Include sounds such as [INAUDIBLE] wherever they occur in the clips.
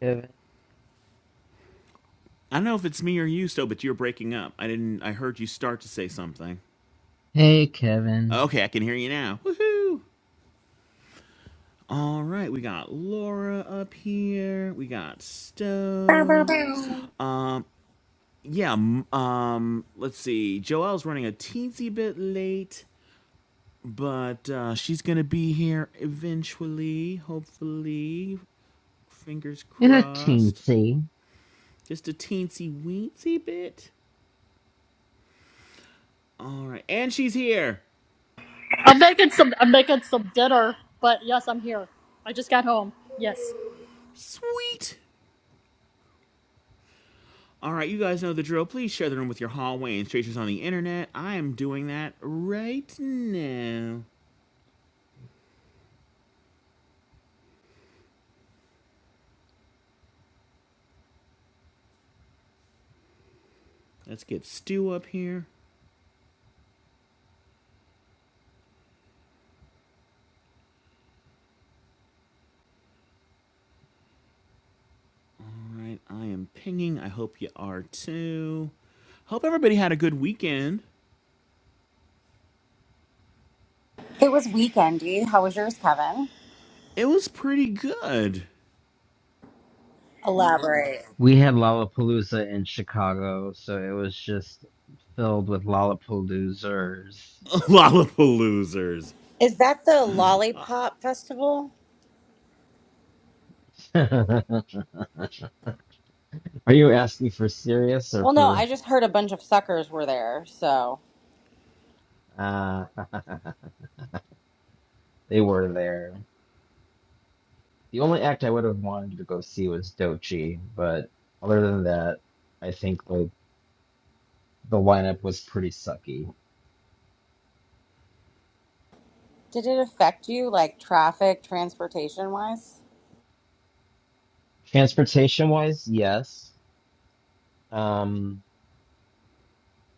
Kevin. I don't know if it's me or you, Stowe, but you're breaking up. I didn't. I heard you start to say something. Hey, Kevin. Okay, I can hear you now. Woohoo! All right, we got Laura up here. We got Bow, bow, Stove. bow. Um, yeah. m- Um, let's see. Joelle's running a teensy bit late, but uh, she's gonna be here eventually. Hopefully, fingers In a crossed. teensy. Just a teensy weensy bit. All right, and she's here. I'm making some. I'm making some dinner. But yes, I'm here. I just got home. Yes. Sweet. All right, you guys know the drill. Please share the room with your hallway and strangers on the internet. I am doing that right now. Let's get Stu up here. All right, I am pinging. I hope you are too. Hope everybody had a good weekend. It was weekendy. How was yours, Kevin? It was pretty good. Elaborate. We had Lollapalooza in Chicago, so it was just filled with Lollapaloozers. [LAUGHS] Lollapaloozers. Is that the Lollipop Festival? [LAUGHS] Are you asking for serious or Well, no, I for. just heard a bunch of suckers were there. So, Uh, [LAUGHS] they were there. The only act I would have wanted to go see was Dochi, but other than that, I think like the lineup was pretty sucky. did it affect you, like traffic, transportation wise? Transportation wise, yes. Um,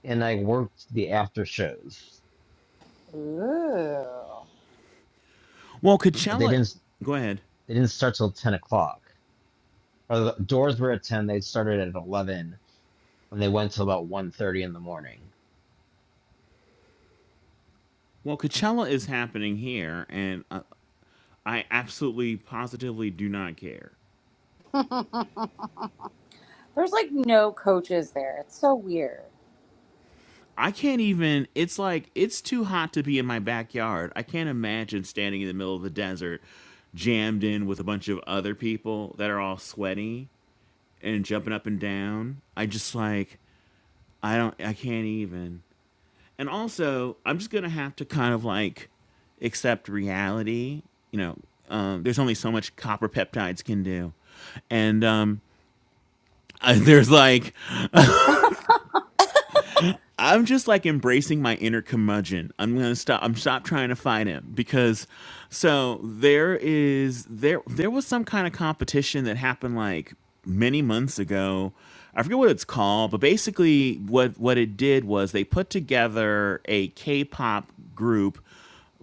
and I worked the after shows. Ooh, Well, but they Coachella. didn't Go ahead. they didn't start till ten o'clock. Or the doors were at ten. They started at eleven, and they went till about one thirty in the morning. Well, Coachella is happening here, and uh, I absolutely, positively do not care. there's like no coaches there. It's so weird. I can't even. It's like it's too hot to be in my backyard. I can't imagine standing in the middle of the desert, jammed in with a bunch of other people that are all sweaty and jumping up and down. I just like I don't. I can't even. And also, I'm just gonna have to kind of like accept reality. You know, um, there's only so much copper peptides can do, and um, [LAUGHS] I, there's like I'm just like embracing my inner curmudgeon. I'm gonna stop. I'm stop trying to fight him because, so there is there there was some kind of competition that happened like many months ago. I forget what it's called, but basically what what it did was they put together a K-pop group,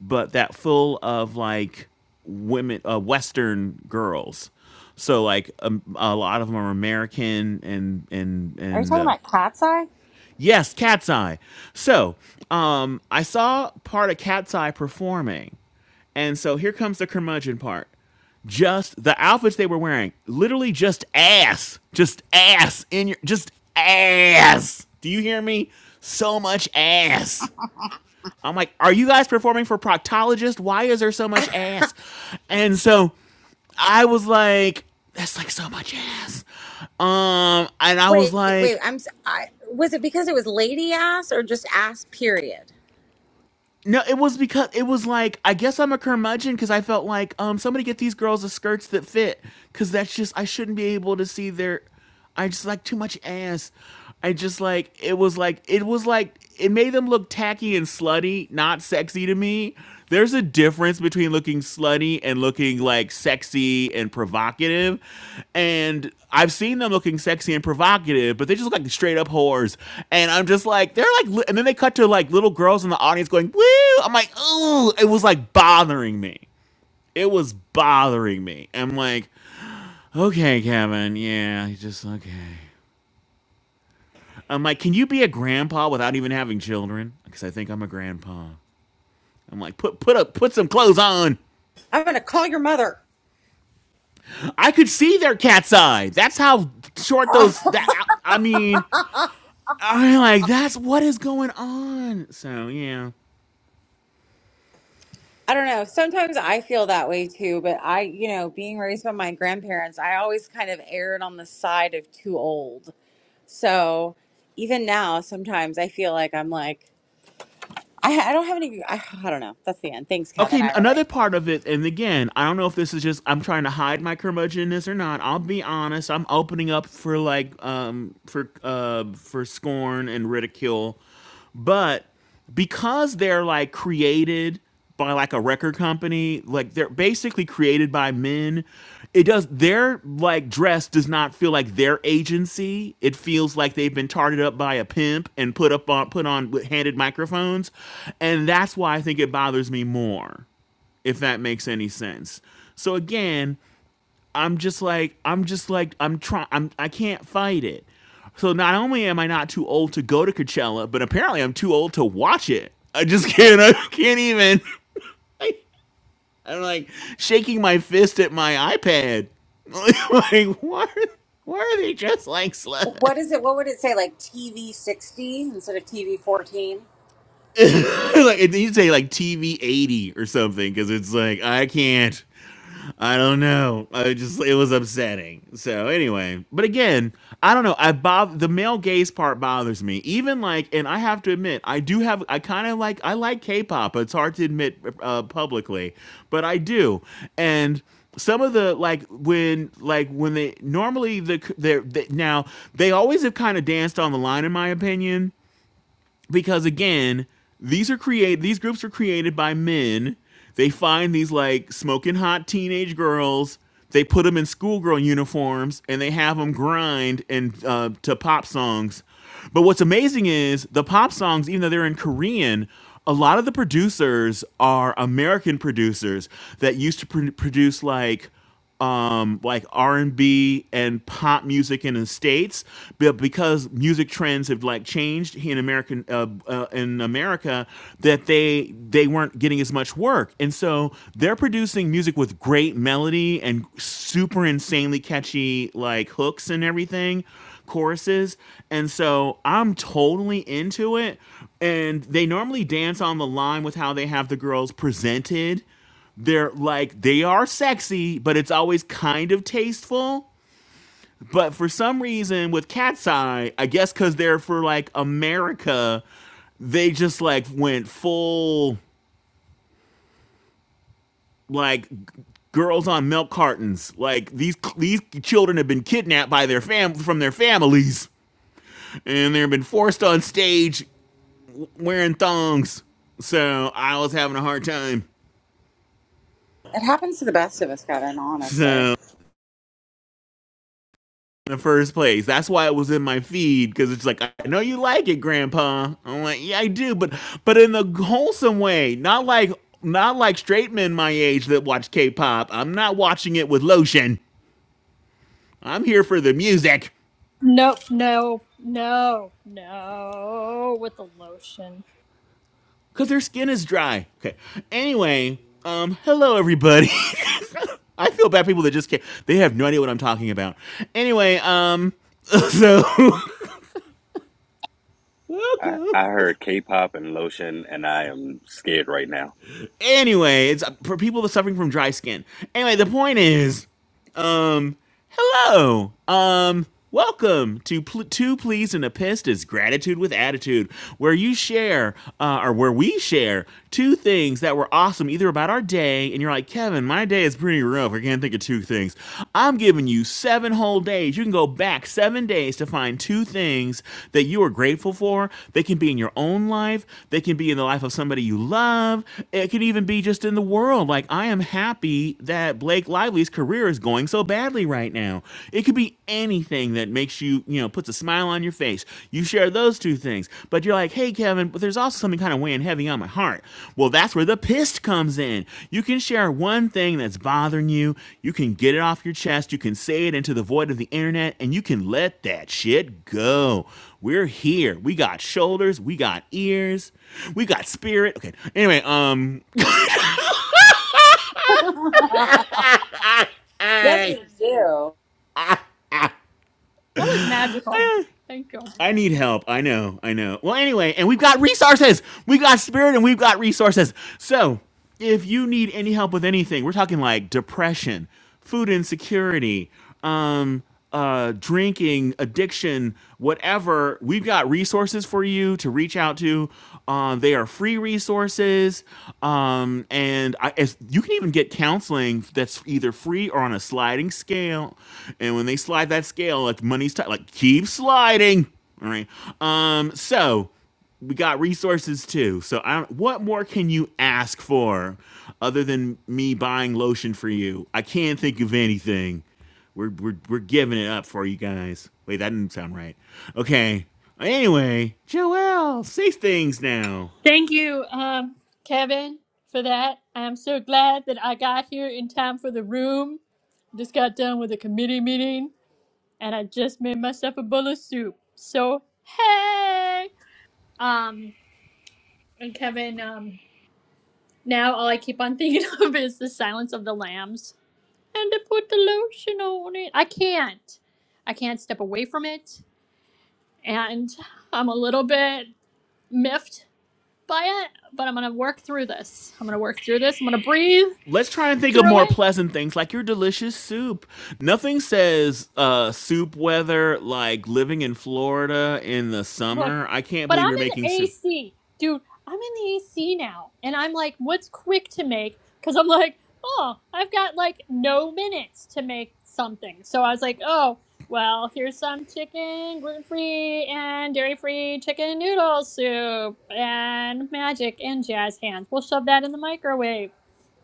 but that full of like women, uh, Western girls. So like um, a lot of them are American and and Are you and. talking Uh, about Cat's Eye? Yes, Cat's Eye. So, um, I saw part of Cat's Eye performing, and so here comes the curmudgeon part. Just the outfits they were wearing, literally just ass, just ass in your, just ass. Do you hear me? So much ass. I'm like, are you guys performing for proctologist? Why is there so much ass? And so I was like, that's like so much ass. Um, and I Wait, was wait. like, I'm. s- I, was it because it was lady ass or just ass? Period. No, it was because it was like I guess I'm a curmudgeon because I felt like um somebody get these girls the skirts that fit because that's just I shouldn't be able to see their I just like too much ass. I just like it was like it was like it made them look tacky and slutty, not sexy to me. There's a difference between looking slutty and looking like sexy and provocative. And I've seen them looking sexy and provocative, but they just look like straight up whores. And I'm just like, they're like, li- and then they cut to like little girls in the audience going, woo. I'm like, ooh, it was like bothering me. It was bothering me. I'm like, okay, Kevin, yeah, you just okay. I'm like, can you be a grandpa without even having children? Because I think I'm a grandpa. I'm like, put put up, put some clothes on. I'm gonna call your mother. I could see their cat's eye. That's how short [LAUGHS] those. That I mean, I'm like, that's what is going on. So yeah. I don't know. Sometimes I feel that way too, but I, you know, being raised by my grandparents, I always kind of erred on the side of too old. So even now, sometimes I feel like I'm like, I, I don't have any, I, I don't know. That's the end. Thanks, Okay, Kevin. I relate. another part of it, and again, I don't know if this is just I'm trying to hide my curmudgeonness or not. I'll be honest, I'm opening up for like um for uh for scorn and ridicule, but because they're like created by like a record company, like they're basically created by men. It does their like dress does not feel like their agency. It feels like they've been tarted up by a pimp and put up on put on with handed microphones, and that's why I think it bothers me more. If that makes any sense. So again, I'm just like I'm just like I'm trying I'm I can't fight it. So not only am I not too old to go to Coachella, but apparently I'm too old to watch it. I just [LAUGHS] can't I can't even [LAUGHS] I, I'm like shaking my fist at my iPad. [LAUGHS] like why are, why are they just like sluts? [LAUGHS] What is it? What would it say? Like TV 60 instead of TV 14? like it needs to say like TV 80 or something cuz it's like I can't. I don't know. I just it was upsetting. So anyway, but again, I don't know. I bob the male gaze part bothers me. Even like, and I have to admit, I do have. I kind of like. I like K-pop. It's hard to admit uh, publicly, but I do. And some of the like when like when they normally the they they, now they always have kind of danced on the line in my opinion because again these are create these groups are created by men they find these like smoking hot teenage girls they put them in schoolgirl uniforms and they have them grind and uh, to pop songs but what's amazing is the pop songs even though they're in korean a lot of the producers are american producers that used to pr- produce like um like R&B and B and pop music in the states but because music trends have like changed here in American uh, uh, in America that they they weren't getting as much work and so they're producing music with great melody and super insanely catchy like hooks and everything choruses and so i'm totally into it and they normally dance on the line with how they have the girls presented they're like they are sexy, but it's always kind of tasteful. But for some reason, with Cat's Eye, I guess because they're for like America, they just like went full like g- girls on milk cartons. Like these these children have been kidnapped by their fam from their families, and they've been forced on stage wearing thongs. So I was having a hard time. It happens to the best of us, Kevin, honestly. So In the first place. That's why it was in my feed because it's like I know you like it, Grandpa. I'm like, yeah, I do, but but in the wholesome way, not like not like straight men my age that watch K-pop. I'm not watching it with lotion. I'm here for the music No, no, no, no. With the lotion, because their skin is dry. Okay. Anyway, um, hello everybody. [LAUGHS] I feel bad people that just can't. They have no idea what I'm talking about. Anyway, um, so [LAUGHS] I, welcome. I heard K-pop and lotion, and I am scared right now. anyway, it's for people that are suffering from dry skin. Anyway, the point is, um, Hello. Um, welcome to Pl- Two Pleas and a Pissed is Gratitude with Attitude, where you share, uh, or where we share, two things that were awesome, either about our day, and you're like, Kevin, my day is pretty rough. I can't think of two things. I'm giving you seven whole days. You can go back seven days to find two things that you are grateful for. They can be in your own life, they can be in the life of somebody you love, it can even be just in the world. Like, I am happy that Blake Lively's career is going so badly right now. It could be anything that makes you, you know, puts a smile on your face. You share those two things, but you're like, hey, Kevin, but there's also something kind of weighing heavy on my heart. Well, that's where the pissed comes in. You can share one thing that's bothering you, you can get it off your chest, you can say it into the void of the internet, and you can let that shit go. We're here. We got shoulders, we got ears, we got spirit. Okay. Anyway, um, Yes, we do. that was [LAUGHS] magical. eh, Thank you. I need help. I know. I know. Well, anyway, and we've got resources. We've got spirit and we've got resources. So, if you need any help with anything, we're talking like depression, food insecurity, um, uh, drinking, addiction, whatever, we've got resources for you to reach out to. Uh, they are free resources. Um, and I, as, you can even get counseling that's either free or on a sliding scale. And when they slide that scale, like money's tight, like keep sliding all right. Um. So we got resources too. So I don't, what more can you ask for other than me buying lotion for you? I can't think of anything. We're we're we're giving it up for you guys. Wait, that didn't sound right. Okay. Anyway, Joelle, say things now. Thank you, um, Kevin, for that. I'm so glad that I got here in time for the room. Just got done with a committee meeting, and I just made myself a bowl of soup. So hey, um, and Kevin, um, now all I keep on thinking [LAUGHS] of is the Silence of the Lambs and to put the lotion on it. I can't. I can't step away from it, and I'm a little bit miffed by it, but I'm gonna work through this. I'm gonna work through this. I'm gonna breathe Let's try and think of through more it pleasant things like your delicious soup. Nothing says uh, soup weather like living in Florida in the Look, summer. I can't but I'm believe you're in the making soup. AC, dude. I'm in the AC now, and I'm like, what's quick to make? Because I'm like, oh, I've got like no minutes to make something. So I was like, oh, well, here's some chicken, gluten free and dairy free chicken noodle soup, and magic and jazz hands. We'll shove that in the microwave,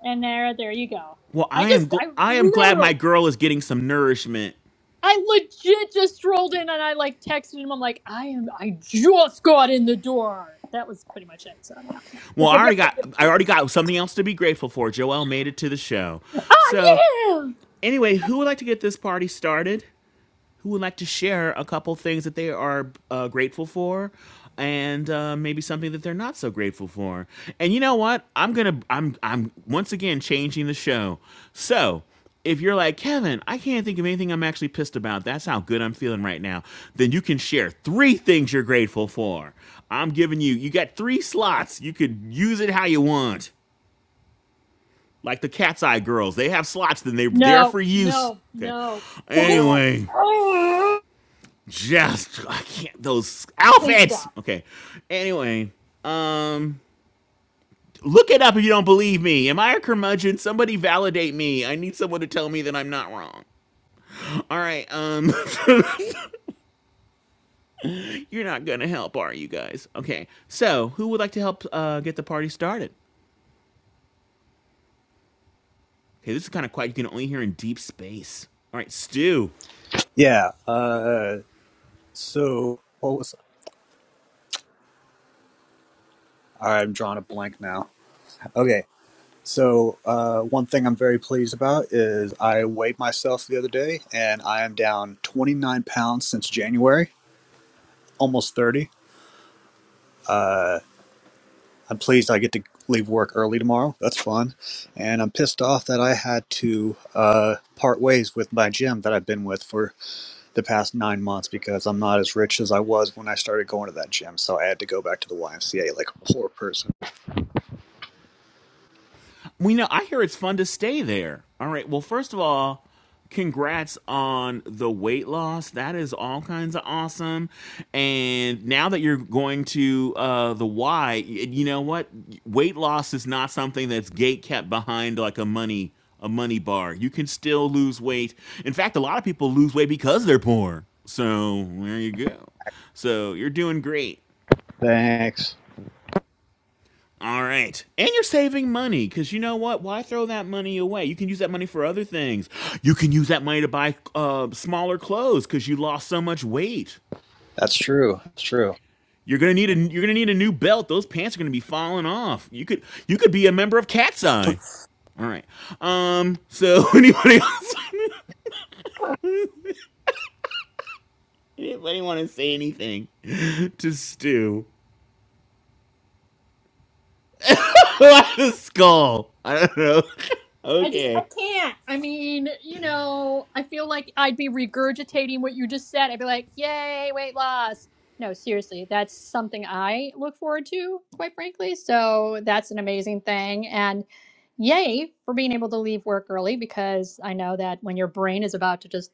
and there, there you go. Well, I I am just, I gl- I am glad my literally girl is getting some nourishment. I legit just strolled in and I like texted him. I'm like, I am. I just got in the door. That was pretty much it. So yeah. yeah. Well, Yep. I Yep. already Yep. Yep. got Yep. I yep. already got something else to be grateful for. Joelle made it to the show. So, Oh yeah. anyway, who would like to get this party started? who would like to share a couple things that they are uh, grateful for and uh, maybe something that they're not so grateful for. And you know what? I'm gonna I'm I'm once again changing the show. So if you're like Kevin, I can't think of anything I'm actually pissed about. That's how good I'm feeling right now. Then you can share three things you're grateful for. I'm giving you. You got three slots. You could use it how you want. Like the Cat's Eye Girls, they have slots. Then they're there No. for use. No. Okay. No. Dang it. No. Anyway, Oh. just I can't those Please outfits. stop. Okay. Anyway, um look it up if you don't believe me. Am I a curmudgeon? Somebody validate me. I need someone to tell me that I'm not wrong. All right, um [LAUGHS] you're not going to help, are you guys? Okay. So, who would like to help uh get the party started? Okay, this is kind of quiet. You can only hear in deep space. All right, Stu. Yeah. Uh, so what was? I'm drawing a blank now. Okay. So uh, one thing I'm very pleased about is I weighed myself the other day, and I am down 29 pounds since January, almost 30. I'm pleased I get to leave work early tomorrow. That's fun, and I'm pissed off that I had to uh, part ways with my gym that I've been with for the past nine months because I'm not as rich as I was when I started going to that gym. So I had to go back to the YMCA like a poor person. We know. I hear it's fun to stay there. All right. Well, first of all, congrats on the weight loss. That is all kinds of awesome. And now that you're going to uh, the Y, you know what? Weight loss is not something that's gate kept behind like a money a money bar. You can still lose weight. In fact, a lot of people lose weight because they're poor. So there you go. So you're doing great. Thanks. All right. And you're saving money because you know what? Why throw that money away? You can use that money for other things. You can use that money to buy uh, smaller clothes because you lost so much weight. That's true. That's true. You're gonna need a you're gonna need a new belt. Those pants are gonna be falling off. You could you could be a member of Cat's Eye. All right. Um. So anybody else? [LAUGHS] Anybody want to say anything to Stu? [LAUGHS] the skull. I don't know. [LAUGHS] I just. I okay. can't. I mean, you know, I feel like I'd be regurgitating what you just said. I'd be like, yay, weight loss. No, seriously, that's something I look forward to, quite frankly. So that's an amazing thing. And. yay for being able to leave work early because I know that when your brain is about to just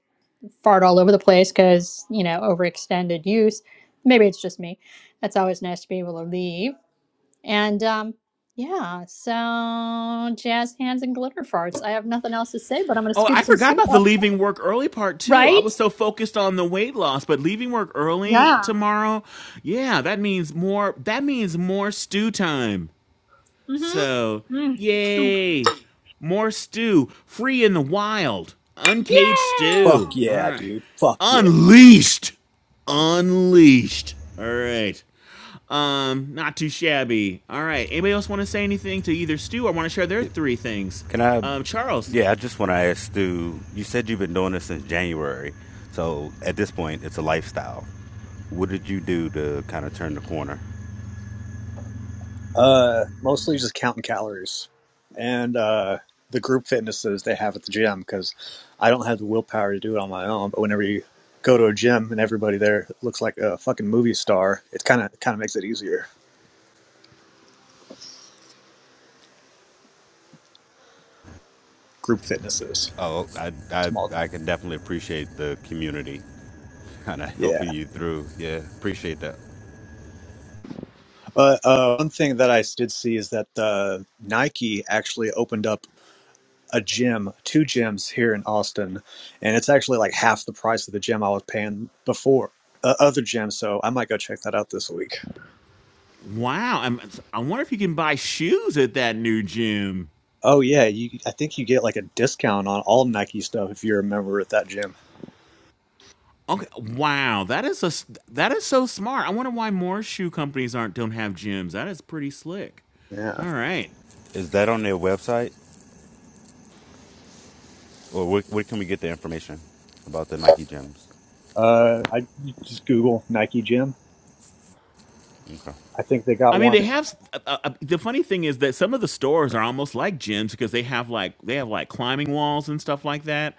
fart all over the place because, you know, overextended use, maybe it's just me. That's always nice to be able to leave. And um, yeah, so jazz hands and glitter farts. I have nothing else to say, but I'm going to Oh, I scoop some forgot soup about the up. leaving work early part too. I Right? was so focused on the weight loss, but leaving work early Yeah. tomorrow, yeah, that means more that means more stew time. Mm So, hmm. Mm. Soup. yay. More stew, free in the wild, uncaged Yeah. Fuck stew. All yeah, right. dude. Fuck yeah. Unleashed. Unleashed. All right. Um, not too shabby. All right. Anybody else want to say anything to either stew? or want to share their three things? Can I? Um, Charles. Yeah, I just want to ask Stu. You said you've been doing this since January, so at this point, it's a lifestyle. What did you do to kind of turn the corner? Uh, mostly just counting calories and uh, the group fitnesses they have at the gym because I don't have the willpower to do it on my own. But whenever you go to a gym and everybody there looks like a fucking movie star, it kind of kind of makes it easier. Group fitnesses, Oh, I, I, small. I can definitely appreciate the community [LAUGHS] kind of Yeah, helping you through. Yeah, appreciate that. but uh, one thing that I did see is that uh, Nike actually opened up. a gym, two gyms here in Austin, and it's actually like half the price of the gym I was paying before. Uh, other gym, so I might go check that out this week. Wow. I'm, I wonder if you can buy shoes at that new gym. Oh yeah, you I think you get like a discount on all Nike stuff if you're a member at that gym. Okay. Wow. That is a s- that is so smart. I wonder why more shoe companies aren't don't have gyms. That is pretty slick. Yeah. All right. Is that on their website, or where, where can we get the information about the Nike gyms? Uh I you just Google Nike gym. Okay. I think they got I mean, they one. have uh, uh, uh, the funny thing is that some of the stores are almost like gyms because they have like they have like climbing walls and stuff like that.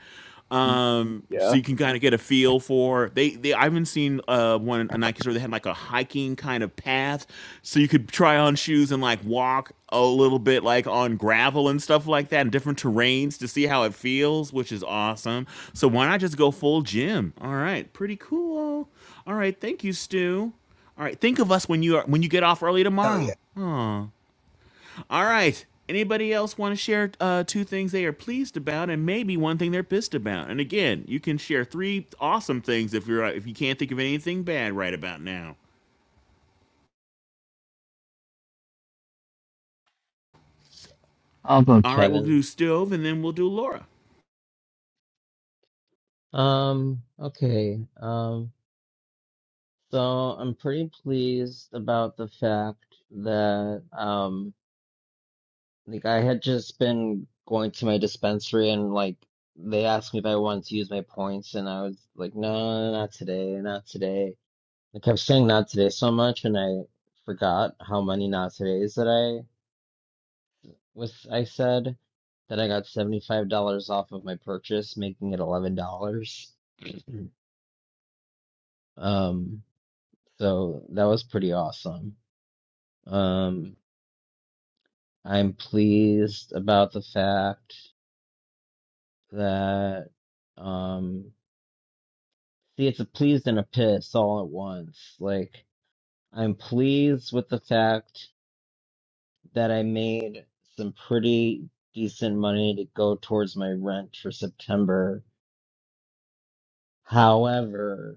in- Um, Yeah. so you can kind of get a feel for they. they I haven't seen uh, one a Nike store that had like a hiking kind of path, so you could try on shoes and like walk a little bit like on gravel and stuff like that, and different terrains to see how it feels, which is awesome. So why not just go full gym? All right, pretty cool. All right, thank you, Stu. All right, think of us when you are when you get off early Hell yeah. tomorrow. Aw. All right. Anybody else want to share uh, two things they are pleased about, and maybe one thing they're pissed about? And again, you can share three awesome things if you're uh, if you can't think of anything bad right about now. How about All right, we'll Kevin? do stove, and then we'll do Laura. Um. Okay. Um. So I'm pretty pleased about the fact that um, like I had just been going to my dispensary and like they asked me if I wanted to use my points, and I was like, no, not today, not today. I kept saying not today so much, and I forgot how many not todays that I. was I said that I got $75 off of my purchase, making it $11. [CLEARS THROAT] Um, so that was pretty awesome. Um, I'm pleased about the fact that, um, see, it's a pleased and a piss all at once. Like, I'm pleased with the fact that I made some pretty decent money to go towards my rent for September. However,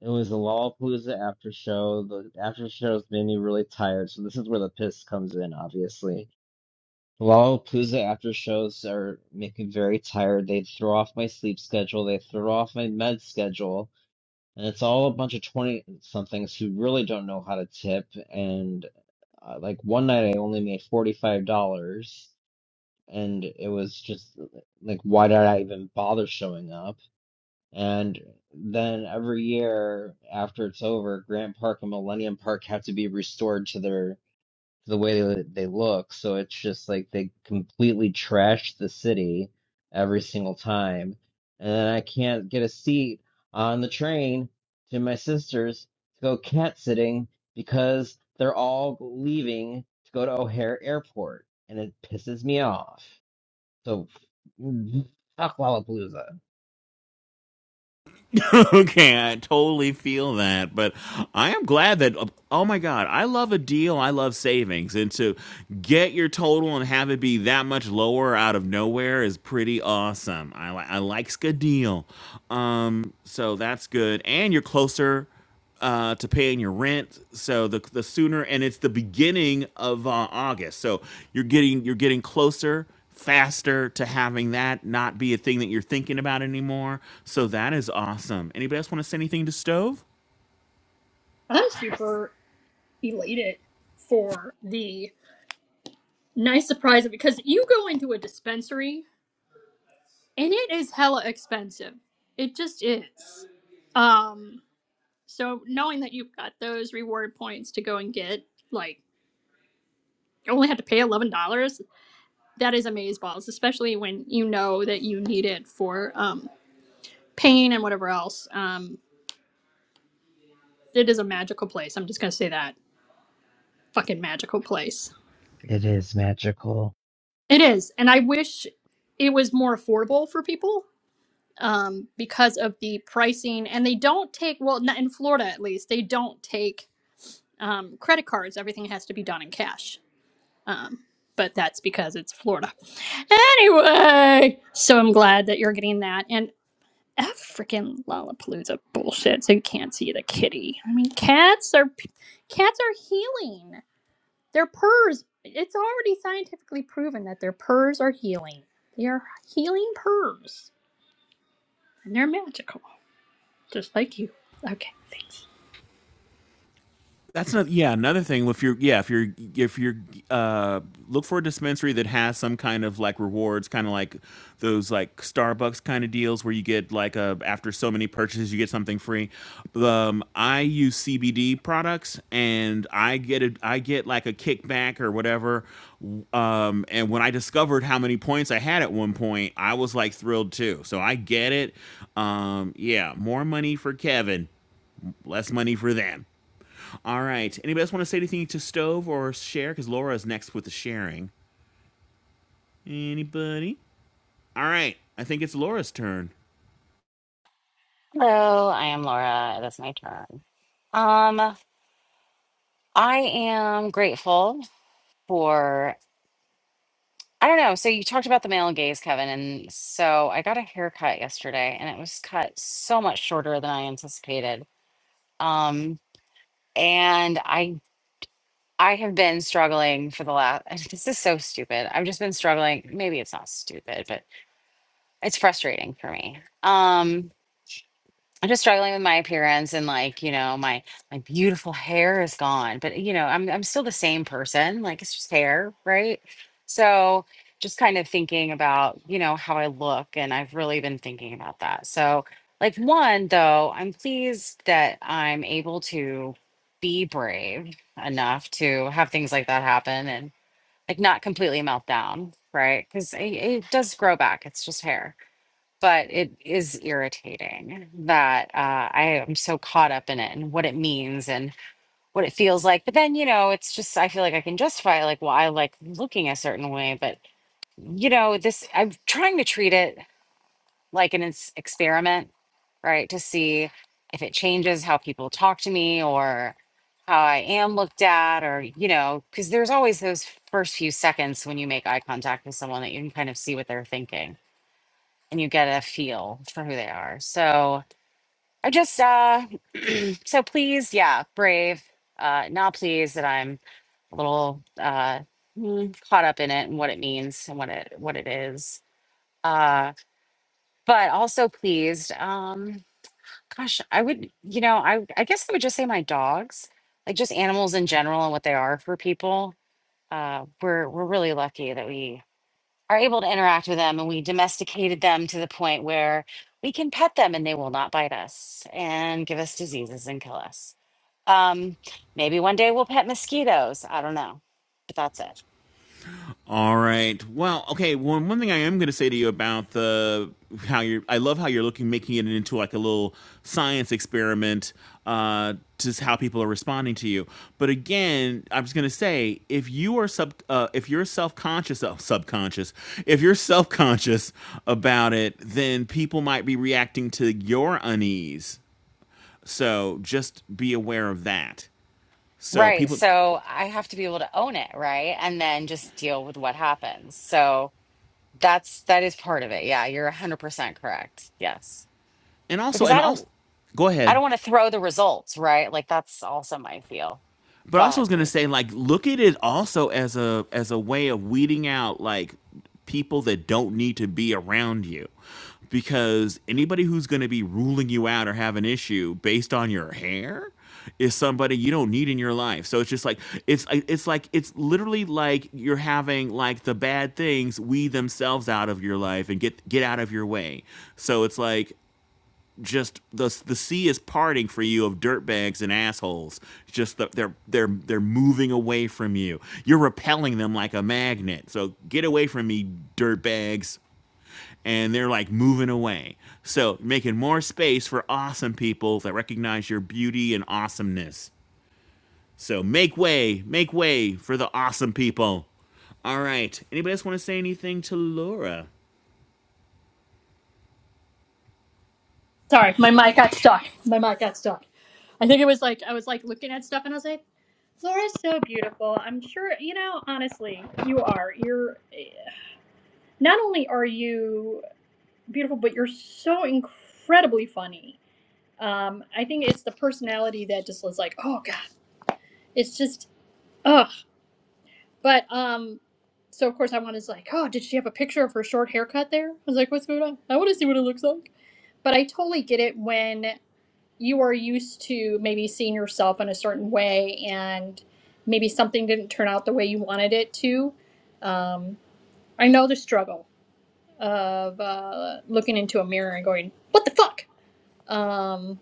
It was a Lollapalooza after show. The after shows made me really tired, so this is where the piss comes in, obviously. Lollapalooza after shows are make me very tired. They throw off my sleep schedule, they throw off my med schedule, and it's all a bunch of 20 somethings who really don't know how to tip. And uh, like one night I only made $45, and it was just like, why did I even bother showing up? And then every year after it's over, Grant Park and Millennium Park have to be restored to their to the way they, they look. So it's just like they completely trash the city every single time. And then I can't get a seat on the train to my sister's to go cat sitting because they're all leaving to go to O'Hare Airport, and it pisses me off. So fuck Lollapalooza. [LAUGHS] okay, I totally feel that, but I am glad that oh my god, I love a deal, I love savings, and to get your total and have it be that much lower out of nowhere is pretty awesome. I like I likes a deal, um, so that's good, and you're closer uh, to paying your rent. So the the sooner, and it's the beginning of uh, August. So you're getting you're getting closer, faster to having that not be a thing that you're thinking about anymore. So that is awesome. Anybody else want to say anything to Stove? I'm super elated for the nice surprise because you go into a dispensary and it is hella expensive. It just is. Um, so knowing that you've got those reward points to go and get, like you only have to pay eleven dollars, that is amazeballs, especially when you know that you need it for um pain and whatever else. Um, it is a magical place. I'm just gonna say that fucking magical place. It is magical. It is, and I wish it was more affordable for people um because of the pricing and they don't take well not in Florida at least they don't take um, credit cards, everything has to be done in cash. Um, but that's because it's Florida. Anyway, so I'm glad that you're getting that. And F freaking Lollapalooza bullshit. So you can't see the kitty. I mean, cats are cats are healing. Their purrs. It's already scientifically proven that their purrs are healing. They are healing purrs, and they're magical, just like you. Okay, thanks. That's not yeah, another thing if you're yeah, if you're if you're uh look for a dispensary that has some kind of like rewards, kind of like those like Starbucks kind of deals where you get like a after so many purchases you get something free. Um I use CBD products and I get a I get like a kickback or whatever. Um and when I discovered how many points I had at one point, I was like thrilled too. So I get it. Um yeah, more money for Kevin, less money for them. All right. Anybody else want to say anything to Stove or share? Because Laura's next with the sharing. Anybody? All right. I think it's Laura's turn. Hello, I am Laura. It is my turn. Um, I am grateful. for I don't know. So you talked about the male gaze, Kevin, and so I got a haircut yesterday, and it was cut so much shorter than I anticipated. Um, and I I have been thing for stupid. I've just been struggling. Maybe it's not stupid. It's frustrating for me. Um, I'm just struggling with my appearance and like, you know, my my beautiful hair is gone, but you know, I'm I'm still the same person. Like it's just hair, right? So just kind of thinking about, you know, how I look and I've really been thinking about that. So like one though, I'm pleased that I'm able to be brave enough to have things like that happen and like not completely melt down, right? Cuz it, it does grow back. It's just hair but it is irritating that uh, I am so caught up in it and what it means and what it feels like. But then, you know, it's just, I feel like I can justify it, like, well, I like looking a certain way. But, you know, this, I'm trying to treat it like an ex- experiment, right? To see if it changes how people talk to me or how I am looked at, or, you know, because there's always those first few seconds when you make eye contact with someone that you can kind of see what they're thinking and you get a feel for who they are. So I just uh so pleased, yeah, brave. Uh not pleased that I'm a little uh mm, caught up in it and what it means and what it what it is. Uh but also pleased. Um gosh, I would you know, I I guess I would just say my dogs, like just animals in general and what they are for people. Uh we're we're really lucky that we are able to interact with them and we domesticated them to the point where we can pet them and they will not bite us and give us diseases and kill us. Um, maybe one day we'll pet mosquitoes. I don't know, but that's it. All right. Well, okay. Well, one thing I am going to say to you about the how you're, I love how you're looking, making it into like a little science experiment, uh, just how people are responding to you. But again, I'm just going to say, if you are sub, uh, if you're self conscious, uh, subconscious, if you're self conscious about it, then people might be reacting to your unease. So just be aware of that. So Right. people, So I have to be able to own it, right? And then just deal with what happens. So that's that is part of it. Yeah, you're 100% correct. Yes. and also, Because and I also, don't go I don't ahead. want to throw the results, right? Like that's also my feel. but Go also I was ahead, gonna please. say like look at it also as a as a way of weeding out like people that don't need to be around you because anybody who's gonna be ruling you out or have an issue based on your hair is somebody you don't need in your life. So it's just like it's it's like it's literally like you're having like the bad things weed themselves out of your life and get get out of your way. So it's like just the the sea is parting for you of dirtbags and assholes. Just the, they're they're they're moving away from you. You're repelling them like a magnet. So get away from me, dirtbags. And they're like moving away. So making more space for awesome people that recognize your beauty and awesomeness. So make way, make way for the awesome people. All right. Anybody else want to say anything to Laura? Sorry, my mic got stuck. My mic got stuck. I think it was like I was like looking at stuff and I was like, Flora's so beautiful. I'm sure you know. Honestly, you are. You're not only are you beautiful, but you're so incredibly funny. Um, I think it's the personality that just was like, oh god, it's just ugh. But um, so of course I wanted to like, oh, did she have a picture of her short haircut there? I was like, what's going on? I want to see what it looks like. But I totally get it when you are used to maybe seeing yourself in a certain way and maybe something didn't turn out the way you wanted it to um, i know the struggle of uh, looking into a mirror and going what the fuck um,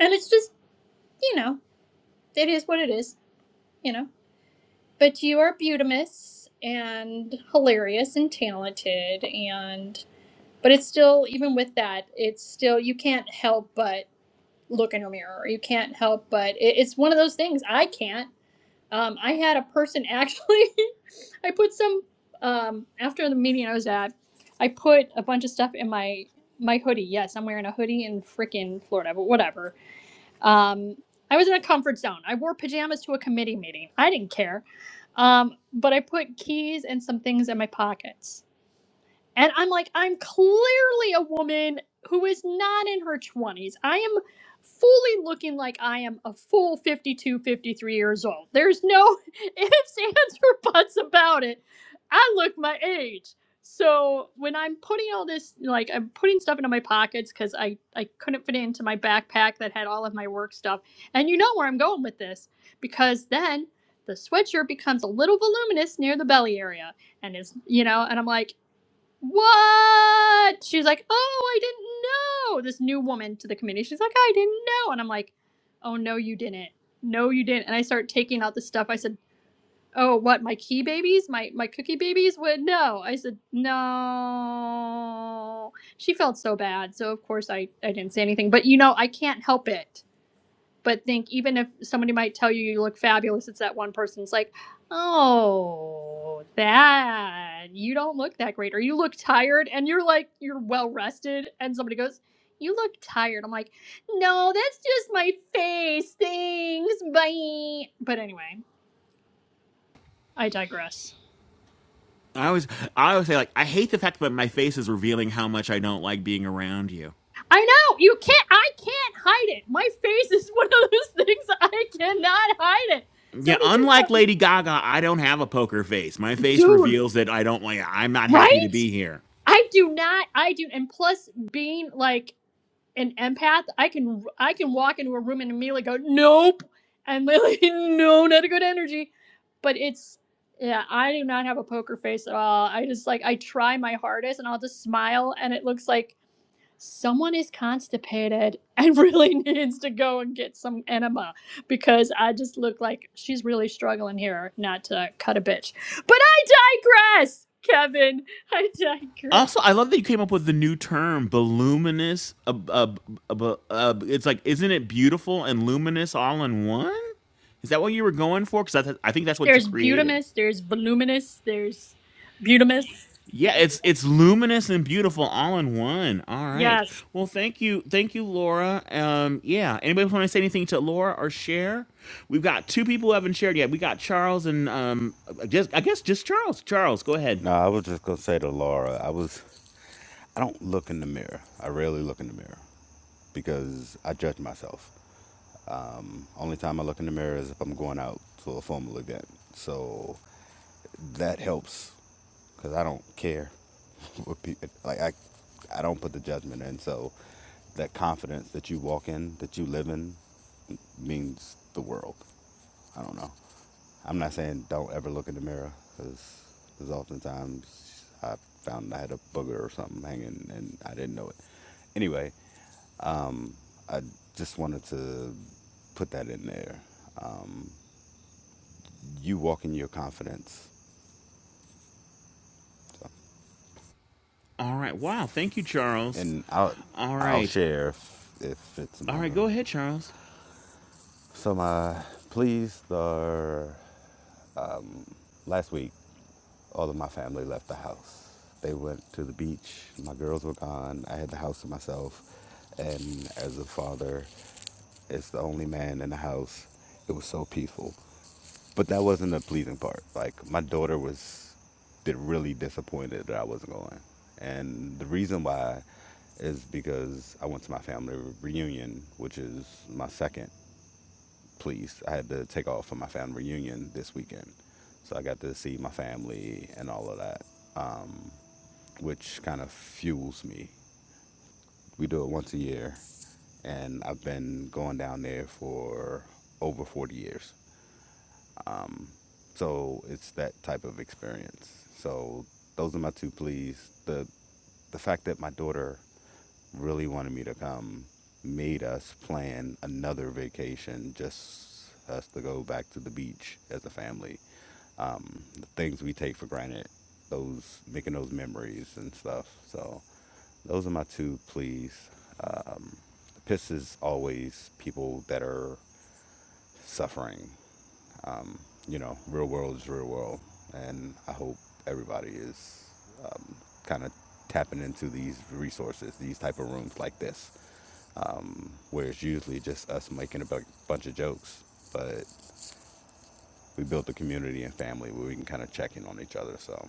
and it's just you know it is what it is you know but you are beautimous and hilarious and talented and but it's still even with that it's still you can't help but look in a mirror you can't help but it, it's one of those things i can't Um, I had a person actually. [LAUGHS] I put some um, after the meeting I was at. I put a bunch of stuff in my my hoodie. Yes, I'm wearing a hoodie in frickin' Florida, but whatever. Um, I was in a comfort zone. I wore pajamas to a committee meeting. I didn't care. Um, but I put keys and some things in my pockets. And I'm like, I'm clearly a woman who is not in her 20s. I am fully looking like I am a full 52, 53 years old. There's no [LAUGHS] ifs, ands, or buts about it. I look my age. So when I'm putting all this, like I'm putting stuff into my pockets because I, I couldn't fit it into my backpack that had all of my work stuff. And you know where I'm going with this because then the sweatshirt becomes a little voluminous near the belly area and is you know and i'm like what? She's like, oh, I didn't know. This new woman to the committee. She's like, I didn't know. And I'm like, oh, no, you didn't. No, you didn't. And I start taking out the stuff. I said, oh, what? My key babies? My, my cookie babies? What? No. I said, no. She felt so bad. So, of course, I, I didn't say anything. But, you know, I can't help it but think even if somebody might tell you you look fabulous it's that one person's like oh that you don't look that great or you look tired and you're like you're well rested and somebody goes you look tired i'm like no that's just my face thanks bye but anyway i digress I always, I always say like, I hate the fact that my face is revealing how much I don't like being around you. i know you can't i can't hide it my face is one of those [LAUGHS] things i cannot hide it Yeah, somebody says unlike something Lady Gaga, I don't have a poker face. My face dude reveals that I don't like. I'm not happy to right be here. I do not. I do, and plus being like an empath, I can I can walk into a room and immediately go, nope, and literally [LAUGHS] no, not a good energy. But it's yeah, I do not have a poker face at all. I just like I try my hardest, and I'll just smile, and it looks like someone is constipated and [LAUGHS] really needs to go and get some enema because I just look like she's really struggling here, not to cut a bitch. But I digress, Kevin. [LAUGHS] I Also, I digress. love that you came up with the new term, voluminous. Uh, uh, uh, uh, it's like, isn't it beautiful and luminous all in one? Is that what you were going for? Because I, th- I think that's what you There's created. butamus, there's voluminous, there's butamus. Yeah, it's it's luminous and beautiful all in one. All right. Yes, Well, thank you, thank you, Laura. Um, yeah. Anybody want to say anything to Laura or share? We've got two people who haven't shared yet. We got Charles and um, just I guess just Charles. Charles, go ahead. No, I was just gonna say to Laura. I was. I don't look in the mirror. I rarely look in the mirror because I judge myself. Um, Only time I look in the mirror is if I'm going out to a formal event. So that helps because I don't care [LAUGHS] what people like. I I don't put the judgment in. So that confidence that you walk in, that you live in, means the world. I don't know. I'm not saying don't ever look in the mirror because there's oftentimes I found I had a booger or something hanging and I didn't know it. Anyway, um, I just wanted to put that in there. Um, you walk in your confidence, so, All right. Wow. Thank you, Charles. and I'll All I'll right. share if, if it's All right. another. Go ahead, Charles. So my pleas are last week. all of my family left the house. They went to the beach. My girls were gone. I had the house to myself. And as a father, as the only man in the house, it was so peaceful. But that wasn't the pleasing part. Like my daughter was di- really disappointed that I wasn't going. And the reason why is because I went to my family reunion, which is my second pleased. I had to take off for my family reunion this weekend, so I got to see my family and all of that, um, which kind of fuels me. We do it once a year, and I've been going down there for over 40 years. So it's that type of experience. So those are my two pleas. The the fact that my daughter really wanted me to come made us plan another vacation just us to go back to the beach as a family. Um, the things we take for granted, those making those memories and stuff. So those are my two pleas. Um, the piss is always people that are suffering um, you know, real world is real world, and I hope everybody is um, kind of tapping into these resources, these type of rooms like this, um, where it's usually just us making a bu- bunch of jokes, but we built a community and family where we can kind of check in on each other. So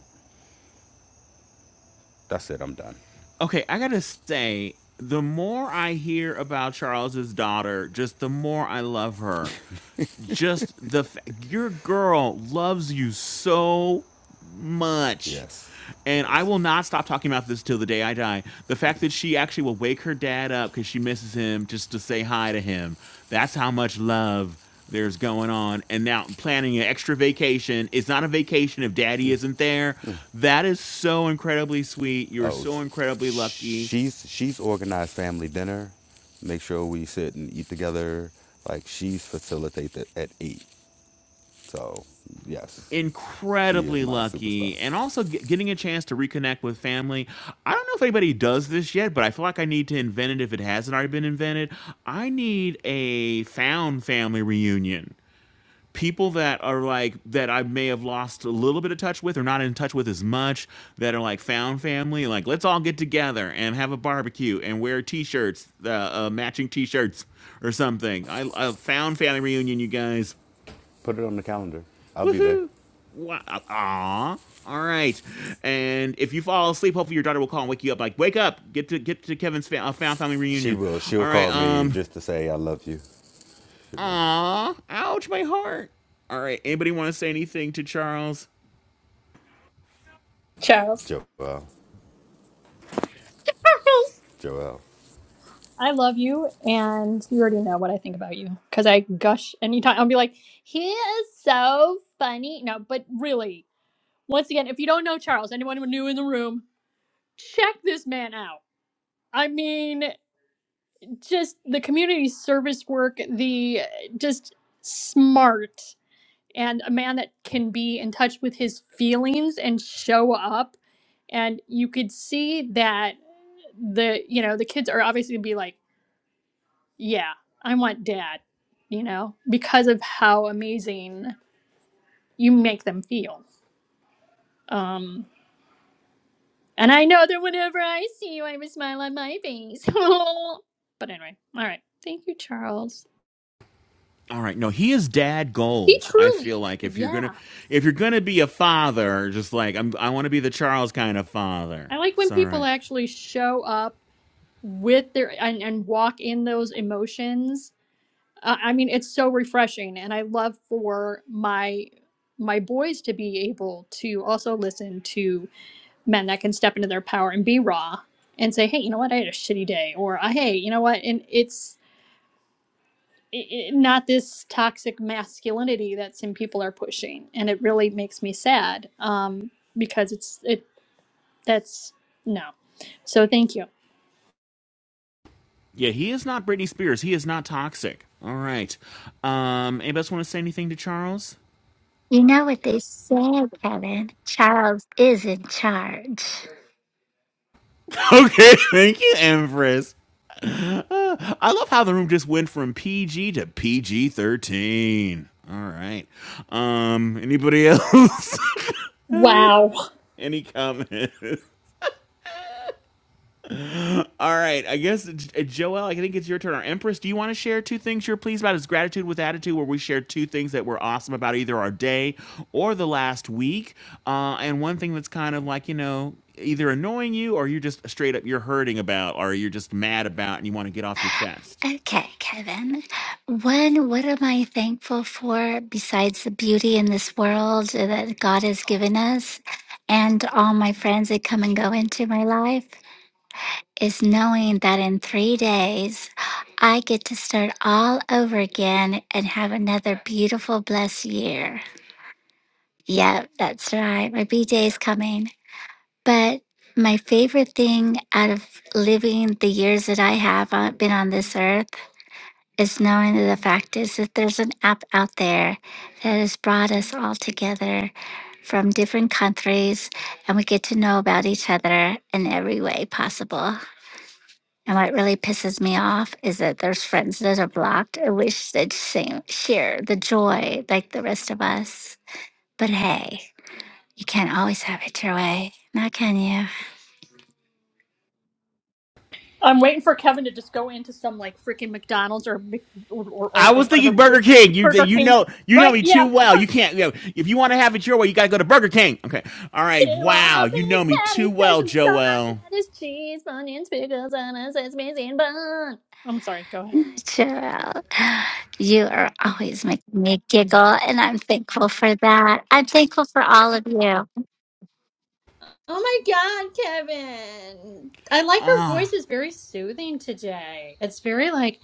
that's it. I'm done. Okay, I gotta say, the more I hear about Charles's daughter, just the more I love her. just the f- your girl loves you so much Yes, and i yes. will not stop talking about this till the day i die the fact that she actually will wake her dad up because she misses him just to say hi to him that's how much love there's going on and now planning an extra vacation it's not a vacation if daddy isn't there that is so incredibly sweet you're Oh, so sh- incredibly lucky she's she's organized family dinner. Make sure we sit and eat together. Like she's facilitated at eight. So, yes, she is incredibly my superstar. lucky and also ge- getting a chance to reconnect with family. I don't know if anybody does this yet, but I feel like I need to invent it if it hasn't already been invented. I need a found family reunion. People that are like that I may have lost a little bit of touch with or not in touch with as much that are like found family, like let's all get together and have a barbecue and wear t-shirts, uh, uh, matching t-shirts or something. I, I found family reunion, you guys. Put it on the calendar. I'll be there. Woohoo! Wow. Aw. All right. And if you fall asleep, hopefully your daughter will call and wake you up. Like, wake up. Get to get to Kevin's fa- uh, found family She reunion. will. All She'll right. call me Um. just to say I love you. She will. Aw. Ouch, my heart. All right. Anybody want to say anything to Charles? Charles. Joelle. Charles. Joelle. I love you, and you already know what I think about you because I gush anytime. I'll be like, he is so funny. No, but really, once again, if you don't know Charles, anyone who new in the room, check this man out. I mean, just the community service work, the uh, just smart. and a man that can be in touch with his feelings and show up and you could see that the you know the kids are obviously gonna be like yeah i want dad you know because of how amazing you make them feel um and i know that whenever i see you i have a smile on my face [LAUGHS] but anyway all right thank you charles All right. No, he is dad he goals. I feel truly like if you're yeah gonna if you're gonna be a father, just like I'm, I want to be the Charles kind of father. i like when It's all people right. actually show up with their and, and walk in those emotions uh, i mean it's so refreshing and i love for my my boys to be able to also listen to men that can step into their power and be raw and say hey you know what i had a shitty day or "Uh, hey you know what and it's i i not this toxic masculinity that some people are pushing and it really makes me sad um because it's it that's no so thank you Yeah, he is not Britney Spears. He is not toxic. All right. Um. Anybody else want to say anything to Charles? You know what they said, Kevin? Charles is in charge. [LAUGHS] Okay, thank you, Empress. Uh, I love how the room just went from PG to PG thirteen. All right. Um, anybody else? [LAUGHS] any, Wow. any comments? All right, I guess uh, Joel, I think it's your turn. Our Empress, do you want to share two things you're pleased about? Is gratitude with attitude, where we share two things that were awesome about either our day or the last week, uh, and one thing that's kind of like you know either annoying you or you're just straight up you're hurting about or you're just mad about and you want to get off your chest. Okay, Kevin. One, what am I thankful for besides the beauty in this world that God has given us and all my friends that come and go into my life is knowing that in three days I get to start all over again and have another beautiful, blessed year. Yep, that's right. My B day is coming. But my favorite thing out of living the years that I have on- been on this earth is knowing that the fact is that there's an app out there that has brought us all together from different countries and we get to know about each other in every way possible. And what really pisses me off is that there's friends that are blocked and wish they'd same, share the joy like the rest of us. But hey, you can't always have it your way, now can you? I'm waiting for Kevin to just go into some like freaking McDonald's or Mc- or, or, I or was whatever thinking Burger big King. You Burger you King. know you know Right? me too Yeah. well. You Burger King. can't. You know, if you want to have it your way, you gotta go to Burger King. Okay, all right, Two wow, all you beef know me patty, too well, special sauce, Joel. lettuce, cheese, onions, pickles, and a sesame seed bun. I'm sorry. Go ahead. Cheryl, you are always making me giggle, and I'm thankful for that. I'm thankful for all of you. Oh my God, Kevin! I like her Ah. voice. is very soothing today. It's very like,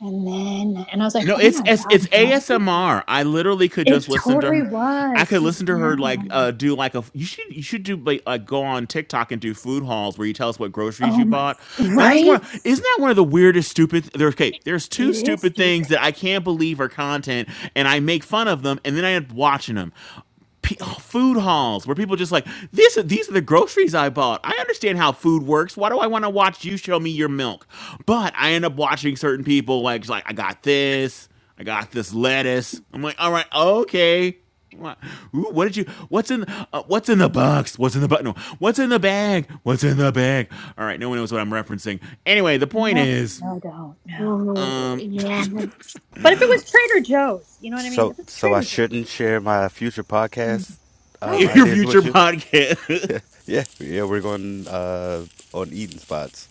and then, and I was like, No, oh it's it's, my it's God, bro. ASMR. I literally could just it listen to totally her. I was could just listen to her like now. uh, do like a. You should you should do like, like go on TikTok and do food hauls where you tell us what groceries Oh you my, bought. That is one. right? Isn't that one of the weirdest stupid? There, okay, there's two It is stupid stupid. things that I can't believe are content, and I make fun of them, and then I end up watching them p- Yeah. food halls where people just like this these are the groceries I bought. I understand how food works. Why do I want to watch you show me your milk? But I end up watching certain people like just like I got this. I got this lettuce. I'm like, "All right, okay." What? Ooh, what did you? What's in? Uh, what's in the box? What's in the button? No, what's in the bag? What's in the bag? All right, no one knows what I'm referencing. Anyway, the point No, is, no, Mm. don't. No. Ooh, um, yeah. But if it was Trader Joe's, you know what I mean? So, If it's so I Trader shouldn't Joe's. share my future podcast [LAUGHS] um, in [GASPS] your ideas future with you. [LAUGHS] podcast. [LAUGHS] yeah, yeah. We're going uh, on eating spots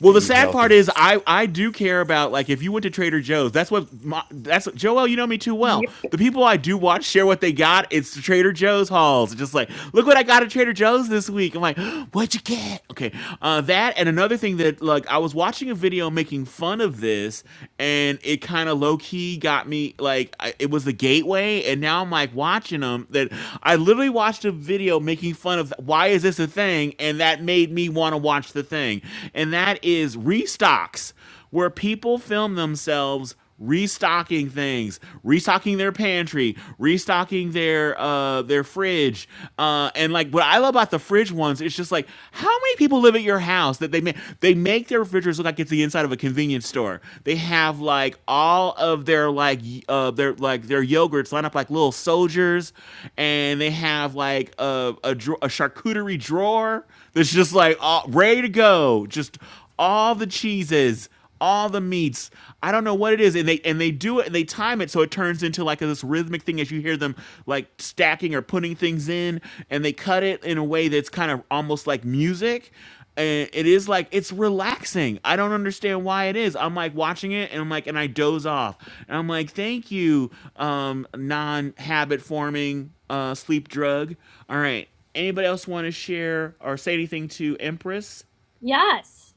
Well, to the eat sad part healthy. is, I I do care about like if you went to Trader Joe's, that's what my, that's what, Joel. You know me too well. Yep. The people I do watch share what they got. It's the Trader Joe's hauls. It's just like, look what I got at Trader Joe's this week. I'm like, [GASPS] what'd you get? Okay, uh, that and another thing that like I was watching a video making fun of this, and it kind of low key got me like I, it was the gateway, and now I'm like watching them. That I literally watched a video making fun of why is this a thing, and that made me want to watch the thing and and that is restocks, where people film themselves restocking things, restocking their pantry, restocking their uh their fridge. Uh and like what I love about the fridge ones, it's just like how many people live at your house that they make they make their refrigerators look like it's the inside of a convenience store. They have like all of their like y- uh their like their yogurts lined up like little soldiers and they have like a a, dra- a charcuterie drawer that's just like all, ready to go. Just all the cheeses, all the meats. I don't know what it is, and they and they do it and they time it so it turns into like this rhythmic thing as you hear them like stacking or putting things in, and they cut it in a way that's kind of almost like music. And it is like it's relaxing. I don't understand why it is. I'm like watching it and I'm like and I doze off. And I'm like, thank you, um, non habit forming uh sleep drug. All right. Anybody else want to share or say anything to Empress? Yes.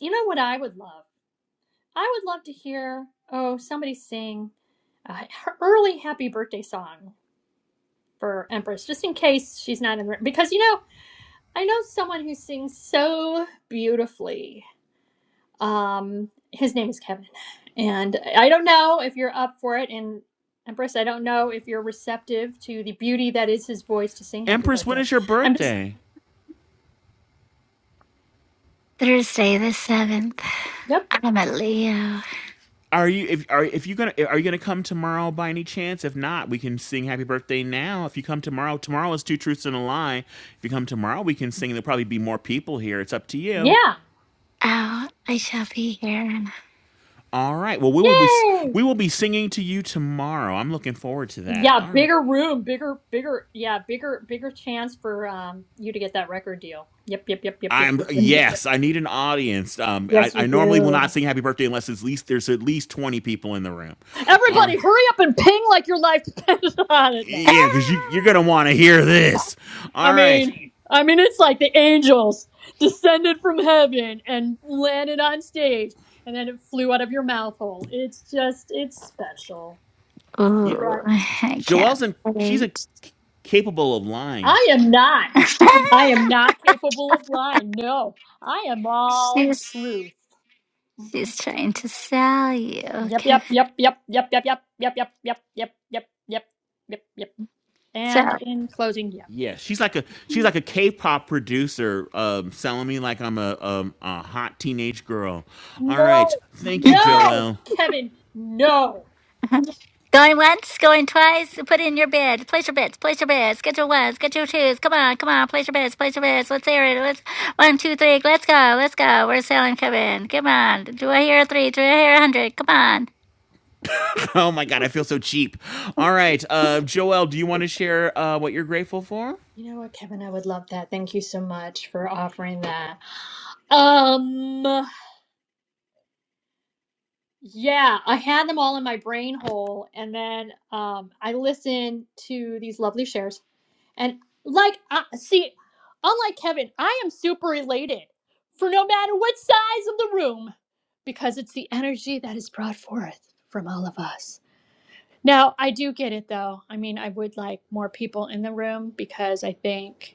You know what I would love? I would love to hear, oh, somebody sing a her early happy birthday song for Empress, just in case she's not in the room. Because, you know, I know someone who sings so beautifully. Um, his name is Kevin, and I don't know if you're up for it. And Empress, I don't know if you're receptive to the beauty that is his voice to sing "Happy Empress, when Birthday." is your I'm just, birthday? Thursday the 7th. yep, I'm a Leo. Are you if are if you gonna are you gonna come tomorrow by any chance? If not, we can sing Happy Birthday now. If you come tomorrow, tomorrow is two truths and a lie. If you come tomorrow, we can sing. There'll probably be more people here. It's up to you. yeah, Oh, I shall be here. All right. Well, we will be yay, we will be singing to you tomorrow. I'm looking forward to that. yeah, All right. bigger room, bigger, bigger, yeah, bigger, bigger chance for um you to get that record deal. Yep, yep, yep, yep, yep, I'm yep, yep, [LAUGHS] yep. yep. yes. I need an audience. Um, I, Yes, you I normally will do. not sing Happy Birthday unless at least there's at least 20 people in the room. All right. Everybody, hurry up and ping like your life depends [LAUGHS] on it. No. Yeah, because you, you're going to Ah! want to hear this. I All right. mean, I mean, it's like the angels descended from heaven and landed on stage, and then it flew out of your mouth hole. It's just, it's special. You, Ooh, Right? I can't Joelle's, in, she's a, wait. capable of lying. I am not. I [LAUGHS] am not capable of lying. No, I am all she's truth. she's trying to sell you, Yep, yep, Kevin. yep, yep, yep, yep, yep, yep, yep, yep, yep, yep, yep, yep, yep. So. And in closing, yep. Yeah, she's like a she's like a K-pop producer, um, selling me like I'm a um, a hot teenage girl. All No, right, thank you, no, Joelle. [LAUGHS] Kevin, no. [LAUGHS] Going once, going twice, put in your bid, place your bids, place your bids, get your ones, get your twos, come on, come on, place your bids, place your bids, let's hear it, let's, one, two, three, let's go, let's go, we're selling, come in, come on, do I hear a three, do I hear a hundred, come on. Oh my God, I feel so cheap. All right, uh, Joel, do you want to share uh, what you're grateful for? You know what, Kevin? I would love that. Thank you so much for offering that. Um, yeah, I had them all in my brain hole, and then um, I listened to these lovely shares, and like, I, see, unlike Kevin, I am super elated for no matter what size of the room, because it's the energy that is brought forth from all of us. Now, I do get it though. I mean, I would like more people in the room because I think.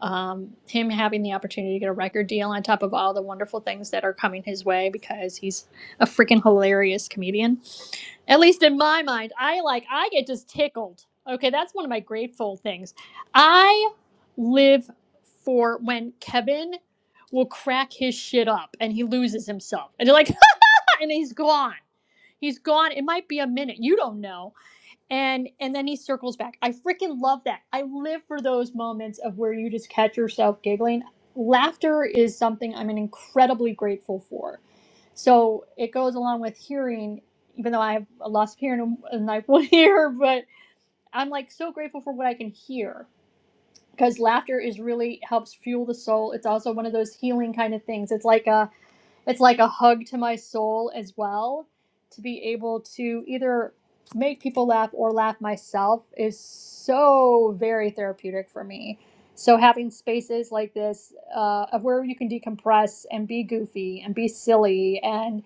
um, him having the opportunity to get a record deal on top of all the wonderful things that are coming his way because he's a freaking hilarious comedian. At least in my mind, I like, I get just tickled. Okay, that's one of my grateful things. I live for when Kevin will crack his shit up and he loses himself. And you're like, [LAUGHS] and he's gone. He's gone. It might be a minute. You don't know and and then he circles back. I freaking love that. I live for those moments of where you just catch yourself giggling. Laughter is something I'm incredibly grateful for. So it goes along with hearing, even though I have a loss of hearing and I will not hear, [LAUGHS] but I'm like so grateful for what I can hear because laughter is really helps fuel the soul. It's also one of those healing kind of things. It's like a it's like a hug to my soul as well to be able to either make people laugh or laugh myself is so very therapeutic for me so having spaces like this uh, of where you can decompress and be goofy and be silly and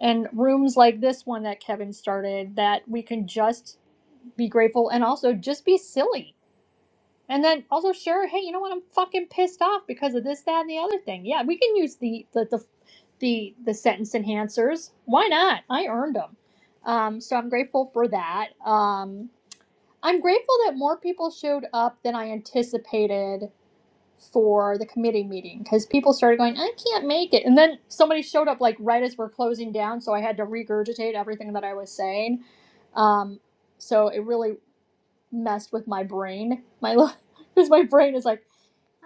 and rooms like this one that kevin started that we can just be grateful and also just be silly and then also share, hey, you know what? I'm fucking pissed off because of this, that, and the other thing. Yeah, we can use the the the the, the sentence enhancers. Why not? I earned them. Um, so I'm grateful for that. Um, I'm grateful that more people showed up than I anticipated for the committee meeting because people started going, I can't make it. And then somebody showed up like right as we're closing down, so I had to regurgitate everything that I was saying. Um, so it really messed with my brain. My [LAUGHS] because my brain is like.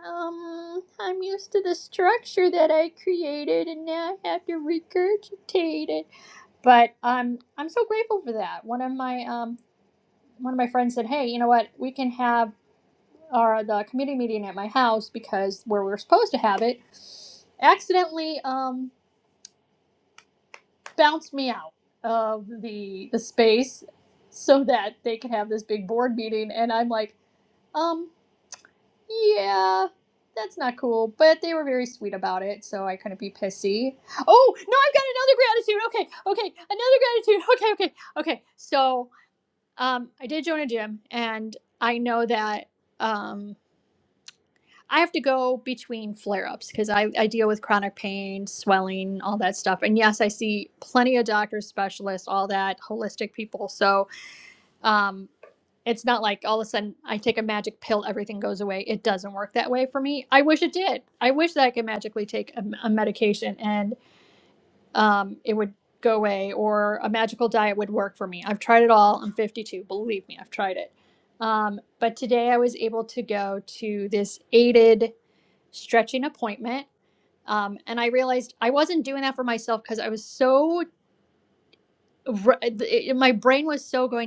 Um, I'm used to the structure that I created, and now I have to regurgitate it. But um, I'm so grateful for that. One of my um, one of my friends said, "Hey, you know what? We can have our the committee meeting at my house because where we were supposed to have it, accidentally um, bounced me out of the the space so that they could have this big board meeting." And I'm like, um. yeah, that's not cool. But they were very sweet about it, so I couldn't be pissy. Oh no, I've got another gratitude. Okay, okay, another gratitude. [LAUGHS] Okay, okay, okay. So um, I did join a gym, and I know that um, I have to go between flare ups because I, I deal with chronic pain, swelling, all that stuff. And yes, I see plenty of doctors, specialists, all that holistic people. So. Um, it's not like all of a sudden I take a magic pill, everything goes away. It doesn't work that way for me. I wish it did. I wish that I could magically take a, a medication and um, it would go away or a magical diet would work for me. I've tried it all. I'm 52. Believe me, I've tried it. Um, but today I was able to go to this aided stretching appointment. Um, and I realized I wasn't doing that for myself because I was so, my brain was so going,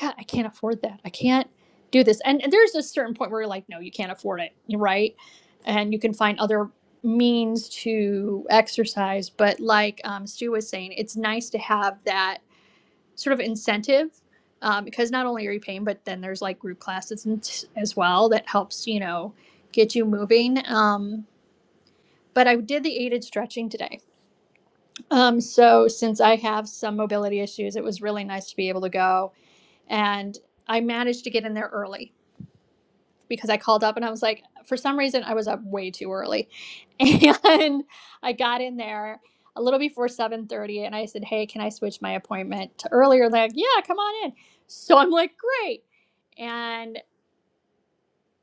God, I can't afford that. I can't do this. And, and there's a certain point where you're like, no, you can't afford it, right? And you can find other means to exercise. But like um, Stu was saying, it's nice to have that sort of incentive um, because not only are you paying, but then there's like group classes and t- as well that helps, you know, get you moving. Um, but I did the aided stretching today. Um, so since I have some mobility issues, it was really nice to be able to go. And I managed to get in there early because I called up and I was like, for some reason, I was up way too early, and [LAUGHS] I got in there a little before seven thirty, and I said, "Hey, can I switch my appointment to earlier?" They're like, "Yeah, come on in." So I'm like, "Great," and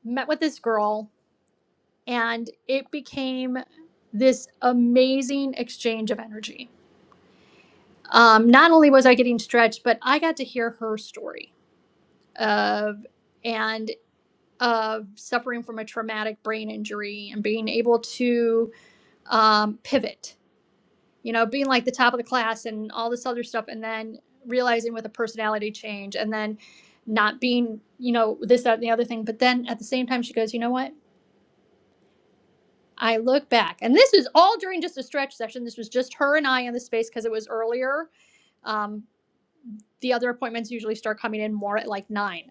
met with this girl, and it became this amazing exchange of energy. Um, not only was I getting stretched, but I got to hear her story of and of suffering from a traumatic brain injury and being able to um, pivot, you know, being like the top of the class and all this other stuff, and then realizing with a personality change, and then not being, you know, this, that, and the other thing. But then at the same time, she goes, you know what? I look back, and this is all during just a stretch session. This was just her and I in the space because it was earlier. Um, the other appointments usually start coming in more at like nine.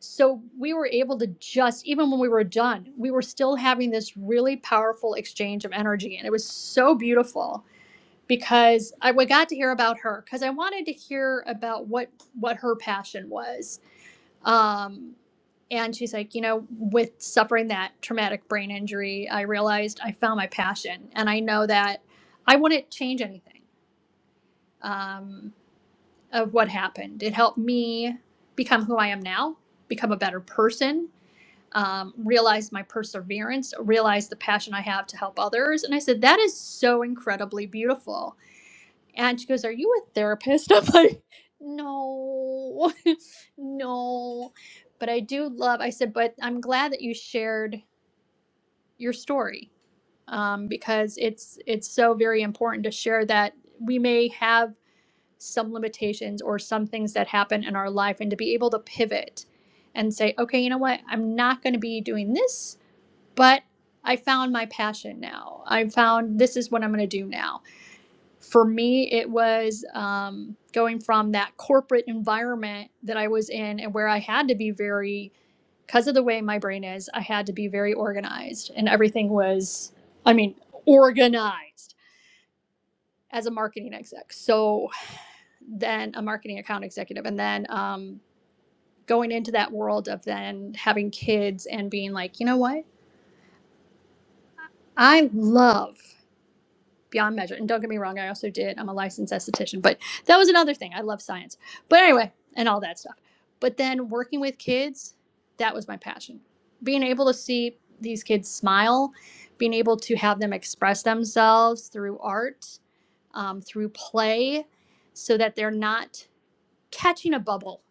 So we were able to just, even when we were done, we were still having this really powerful exchange of energy. And it was so beautiful because I got to hear about her because I wanted to hear about what what her passion was. Um, and she's like, you know, with suffering that traumatic brain injury, I realized I found my passion, and I know that I wouldn't change anything um, of what happened. It helped me become who I am now, become a better person. Um, realize my perseverance, realize the passion I have to help others. And I said, that is so incredibly beautiful and she goes, Are you a therapist? [LAUGHS] I'm like, No, [LAUGHS] no. But I do love I said, but I'm glad that you shared your story. Um, because it's it's so very important to share that we may have some limitations or some things that happen in our life and to be able to pivot and say, Okay, you know what, I'm not gonna be doing this, but I found my passion now. I found this is what I'm gonna do now for me it was um, going from that corporate environment that i was in and where i had to be very because of the way my brain is i had to be very organized and everything was i mean organized as a marketing exec so then a marketing account executive and then um, going into that world of then having kids and being like you know what i love beyond measure. And don't get me wrong, I also did. I'm a licensed esthetician, but that was another thing. I love science. But anyway, and all that stuff. But then working with kids, that was my passion. Being able to see these kids smile, being able to have them express themselves through art, um, through play, so that they're not catching a bubble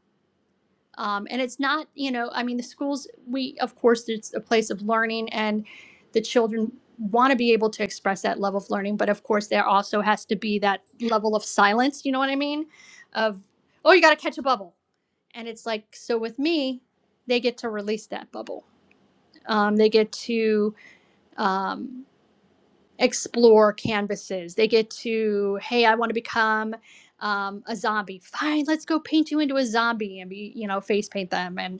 um, and it's not you know i mean the schools we of course it's a place of learning and the children want to be able to express that level of learning but of course there also has to be that level of silence you know what i mean of oh you got to catch a bubble and it's like so with me they get to release that bubble um, they get to um, explore canvases they get to hey i want to become um, a zombie fine let's go paint you into a zombie and be you know face paint them and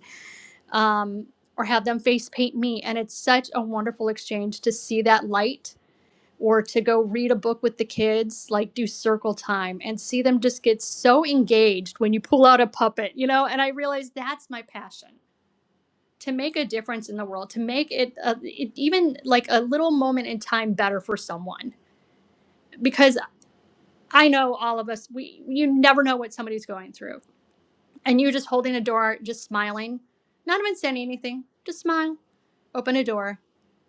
um, or have them face paint me. And it's such a wonderful exchange to see that light or to go read a book with the kids, like do circle time and see them just get so engaged when you pull out a puppet, you know? And I realize that's my passion to make a difference in the world, to make it, uh it even like a little moment in time better for someone. Because I know all of us, we you never know what somebody's going through. And you just holding a door, just smiling, not even saying anything, just smile, open a door,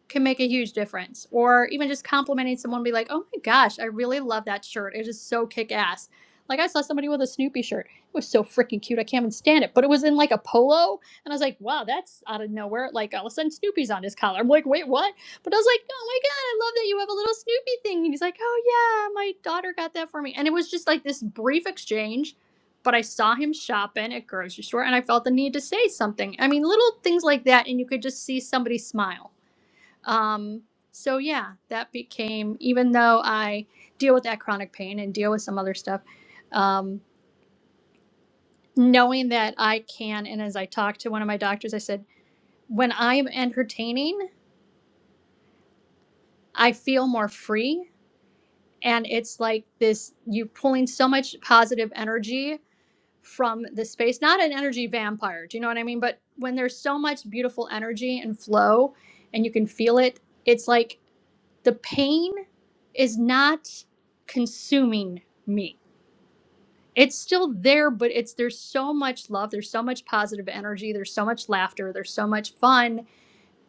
can make a huge difference. Or even just complimenting someone, be like, oh my gosh, I really love that shirt. It is so kick ass. Like I saw somebody with a Snoopy shirt. It was so freaking cute. I can't even stand it. But it was in like a polo. And I was like, wow, that's out of nowhere. Like all of a sudden Snoopy's on his collar. I'm like, wait, what? But I was like, oh my God, I love that you have a little Snoopy thing. And he's like, oh yeah, my daughter got that for me. And it was just like this brief exchange. But I saw him shopping at grocery store and I felt the need to say something. I mean, little things like that. And you could just see somebody smile um, so yeah, that became even though I deal with that chronic pain and deal with some other stuff, um, knowing that I can. And as I talked to one of my doctors, I said, when I'm entertaining, I feel more free, and it's like this: you pulling so much positive energy from the space. Not an energy vampire, do you know what I mean? But when there's so much beautiful energy and flow, and you can feel it, it's like the pain is not consuming me. It's still there, but it's there's so much love, there's so much positive energy, there's so much laughter, there's so much fun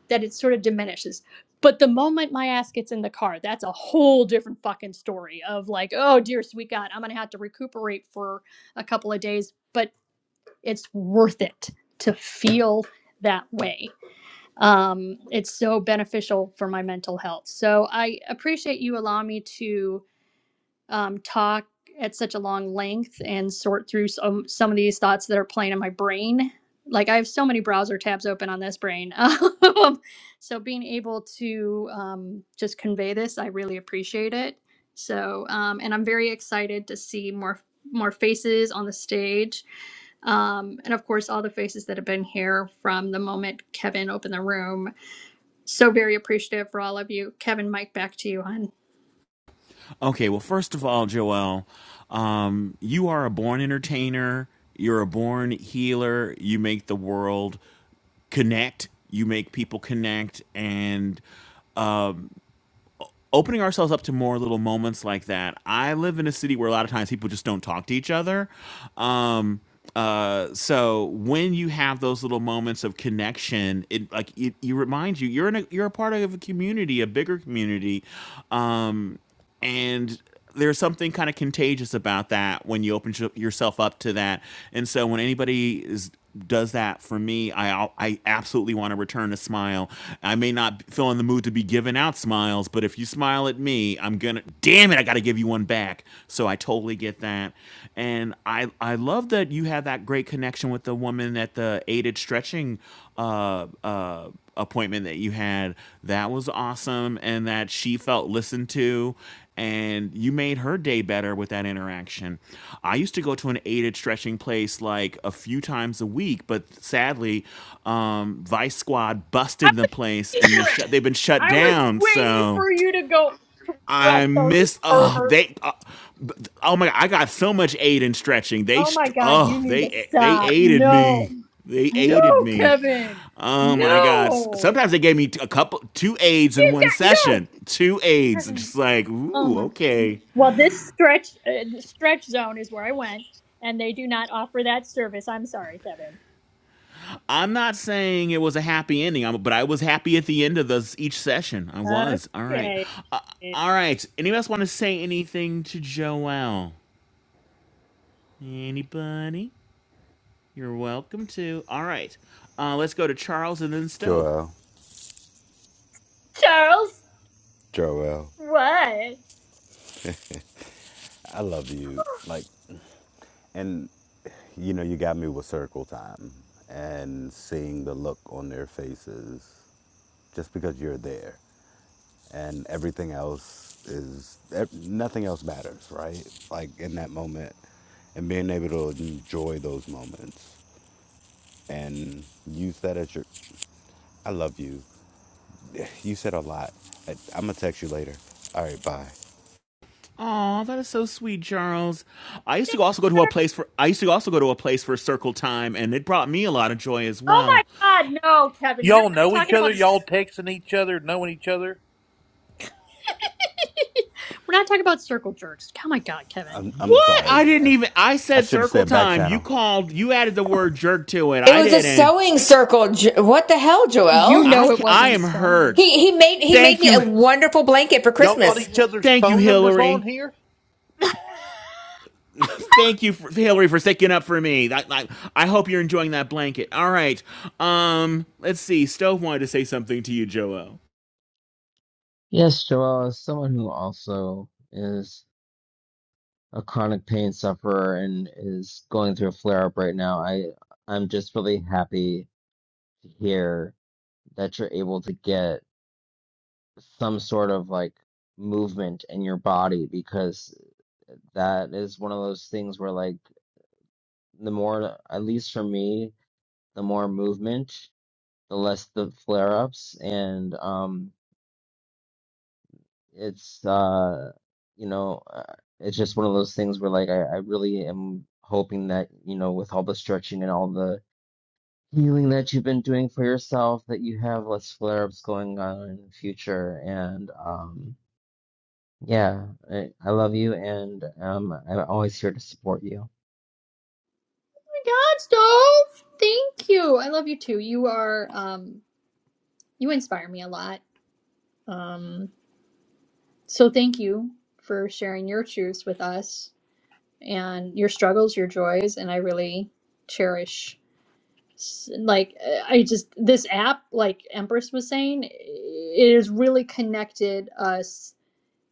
that it sort of diminishes. But the moment my ass gets in the car, that's a whole different fucking story of like, oh dear sweet God, I'm gonna have to recuperate for a couple of days, but it's worth it to feel that way. Um, it's so beneficial for my mental health. So I appreciate you allowing me to um, talk at such a long length and sort through some some of these thoughts that are playing in my brain. Like I have so many browser tabs open on this brain, [LAUGHS] so being able to um, just convey this, I really appreciate it. So, um, and I'm very excited to see more more faces on the stage, um, and of course all the faces that have been here from the moment Kevin opened the room. So very appreciative for all of you, Kevin. Mike, back to you, hon. Okay, well, first of all, Joel, um, you are a born entertainer. You're a born healer. You make the world connect. You make people connect, and um, opening ourselves up to more little moments like that. I live in a city where a lot of times people just don't talk to each other. Um, uh, so when you have those little moments of connection, it like it, you remind you you're in a you're a part of a community, a bigger community. Um, and there's something kind of contagious about that when you open sh- yourself up to that and so when anybody is does that for me i i absolutely want to return a smile i may not feel in the mood to be giving out smiles but if you smile at me i'm gonna damn it i gotta give you one back so i totally get that and i i love that you have that great connection with the woman at the aided stretching uh uh appointment that you had. That was awesome, and that she felt listened to, and you made her day better with that interaction. I used to go to an aided stretching place like a few times a week, but sadly, um, Vice Squad I busted the place, was and they gonna shut. They've been shut I was down, waiting so for you to go I Redstone, you miss oh pervert. they uh, oh my god I got so much aid in stretching they Oh my str- god, you oh need to they they stop. aided No. me they No, aided me Kevin. oh my god S- No. sometimes they gave me t- a couple two aids in You've one got no. session two aids Kevin. just like Oh ooh my god. okay Well, this stretch uh, stretch zone is where I went and they do not offer that service. I'm sorry, Kevin. I'm not saying it was a happy ending I'm- but I was happy at the end of this each session I was all right Okay. uh, all right anybody else want to say anything to Joelle anybody You're welcome to. All right. Uh, let's go to Charles and then Stove. Joelle. Charles, Joelle. what? I love you. Like. And you know, you got me with circle time and seeing the look on their faces just because you're there and everything else is nothing else matters, right? Like in that moment and being able to enjoy those moments and use that as your I love you. [LAUGHS] You said a lot. I, am gonna text you later. All right, bye. Oh, that is so sweet, Charles. I used to also go to a place for I used to also go to a place for circle time and it brought me a lot of joy as Oh well. my god, no, Kevin. We're Y'all not know each talking other. about Y'all texting each other, knowing each other. [LAUGHS] We're not talking about circle jerks. Oh my god, Kevin. I'm I'm What? sorry. I didn't I, even I I said should have circle said back time. You channel. called you added the word jerk to it. It I was a didn't. sewing circle. Jo- What the hell, You Joel? I know it I wasn't am sewing. hurt. He he made he made Thank me a you. wonderful blanket for Y'all got Christmas. each other's Thank you, phone numbers on Hillary. here. [LAUGHS] oh my Thank you, for, Hillary, for sticking up for me. I, I, I hope you're enjoying that blanket. All right. Um, let's see. Stove wanted to say something to you, Joel. Yes, Joelle, as someone who also is a chronic pain sufferer and is going through a flare up right now, I I'm just really happy to hear that you're able to get some sort of like movement in your body because that is one of those things where like the more, at least for me, the more movement, the less the flare ups, and um. it's uh you know uh, it's just one of those things where like I, I really am hoping that you know with all the stretching and all the healing that you've been doing for yourself that you have less flare-ups going on in the future and um yeah I, I love you and um I'm always here to support you. god, Stove! Thank you. I love you too. You are um you inspire me a lot. Um so thank you for sharing your truths with us and your struggles, your joys, and I really cherish s- like uh, I just this app like Empress was saying it has really connected us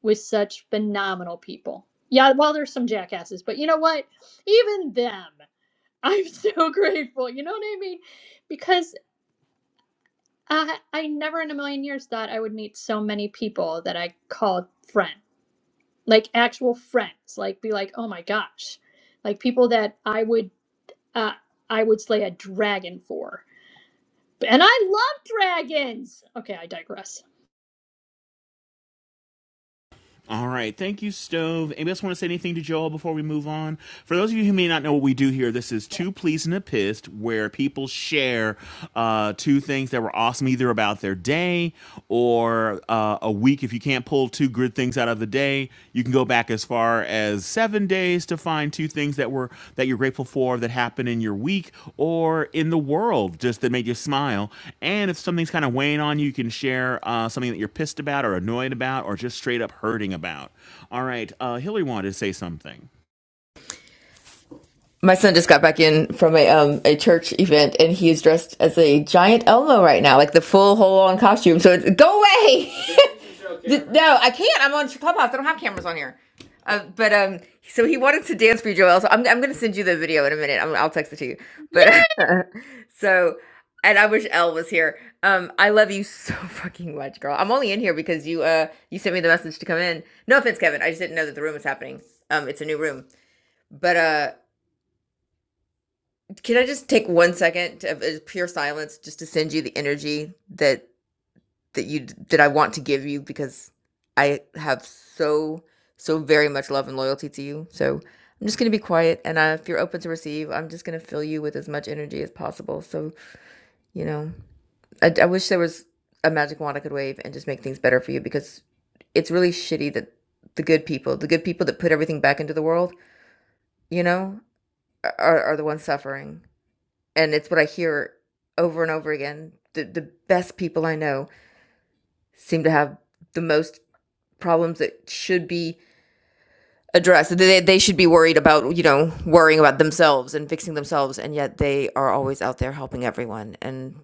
with such phenomenal people. Yeah, well, there's some jackasses, but you know what? Even them, I'm so [LAUGHS] grateful. You know what I mean? Because I, I never in a million years thought I would meet so many people that I called friend, like actual friends, like be like, oh my gosh, like people that I would, uh, I would slay a dragon for. And I love dragons. Okay, I digress. All right. Thank you, Stove. Anybody else want to say anything to Joel before we move on? For those of you who may not know what we do here, this is Two Pleased and a Pissed, where people share uh, two things that were awesome either about their day or uh, a week. If you can't pull two good things out of the day, you can go back and as far as seven days to find two things that were that you're grateful for that happened in your week or in the world just that made you smile and if something's kind of weighing on you you can share uh, something that you're pissed about or annoyed about or just straight up hurting about all right uh, hillary wanted to say something My son just got back in from a um a church event, and he is dressed as a giant Elmo right now, like the full whole on costume. So it's, go away. [LAUGHS] Th- No, I can't. I'm on Clubhouse. I don't have cameras on here. Uh, but um, so he wanted to dance for you, Joel. So I'm I'm gonna send you the video in a minute. I'm, I'll text it to you. But [LAUGHS] so, and I wish Elle was here. Um, I love you so [LAUGHS] fucking much, girl. I'm only in here because you uh you sent me the message to come in. No offense, Kevin. I just didn't know that the room was happening. Um, it's a new room. But uh, can I just take one second of uh, pure silence just to send you the energy that that you d that I want to give you because I have so, so very much love and loyalty to you, so I'm just gonna be quiet, and, uh, if you're open to receive, I'm just gonna fill you with as much energy as possible, so, you know, I I wish there was a magic wand I could wave and just make things better for you because it's really shitty that the good people the good people that put everything back into the world, you know, are are the ones suffering, and it's what I hear over and over again. The the best people I know seem to have the most problems that should be addressed. They, they should be worried about, you know, worrying about themselves and fixing themselves. And yet they are always out there helping everyone. And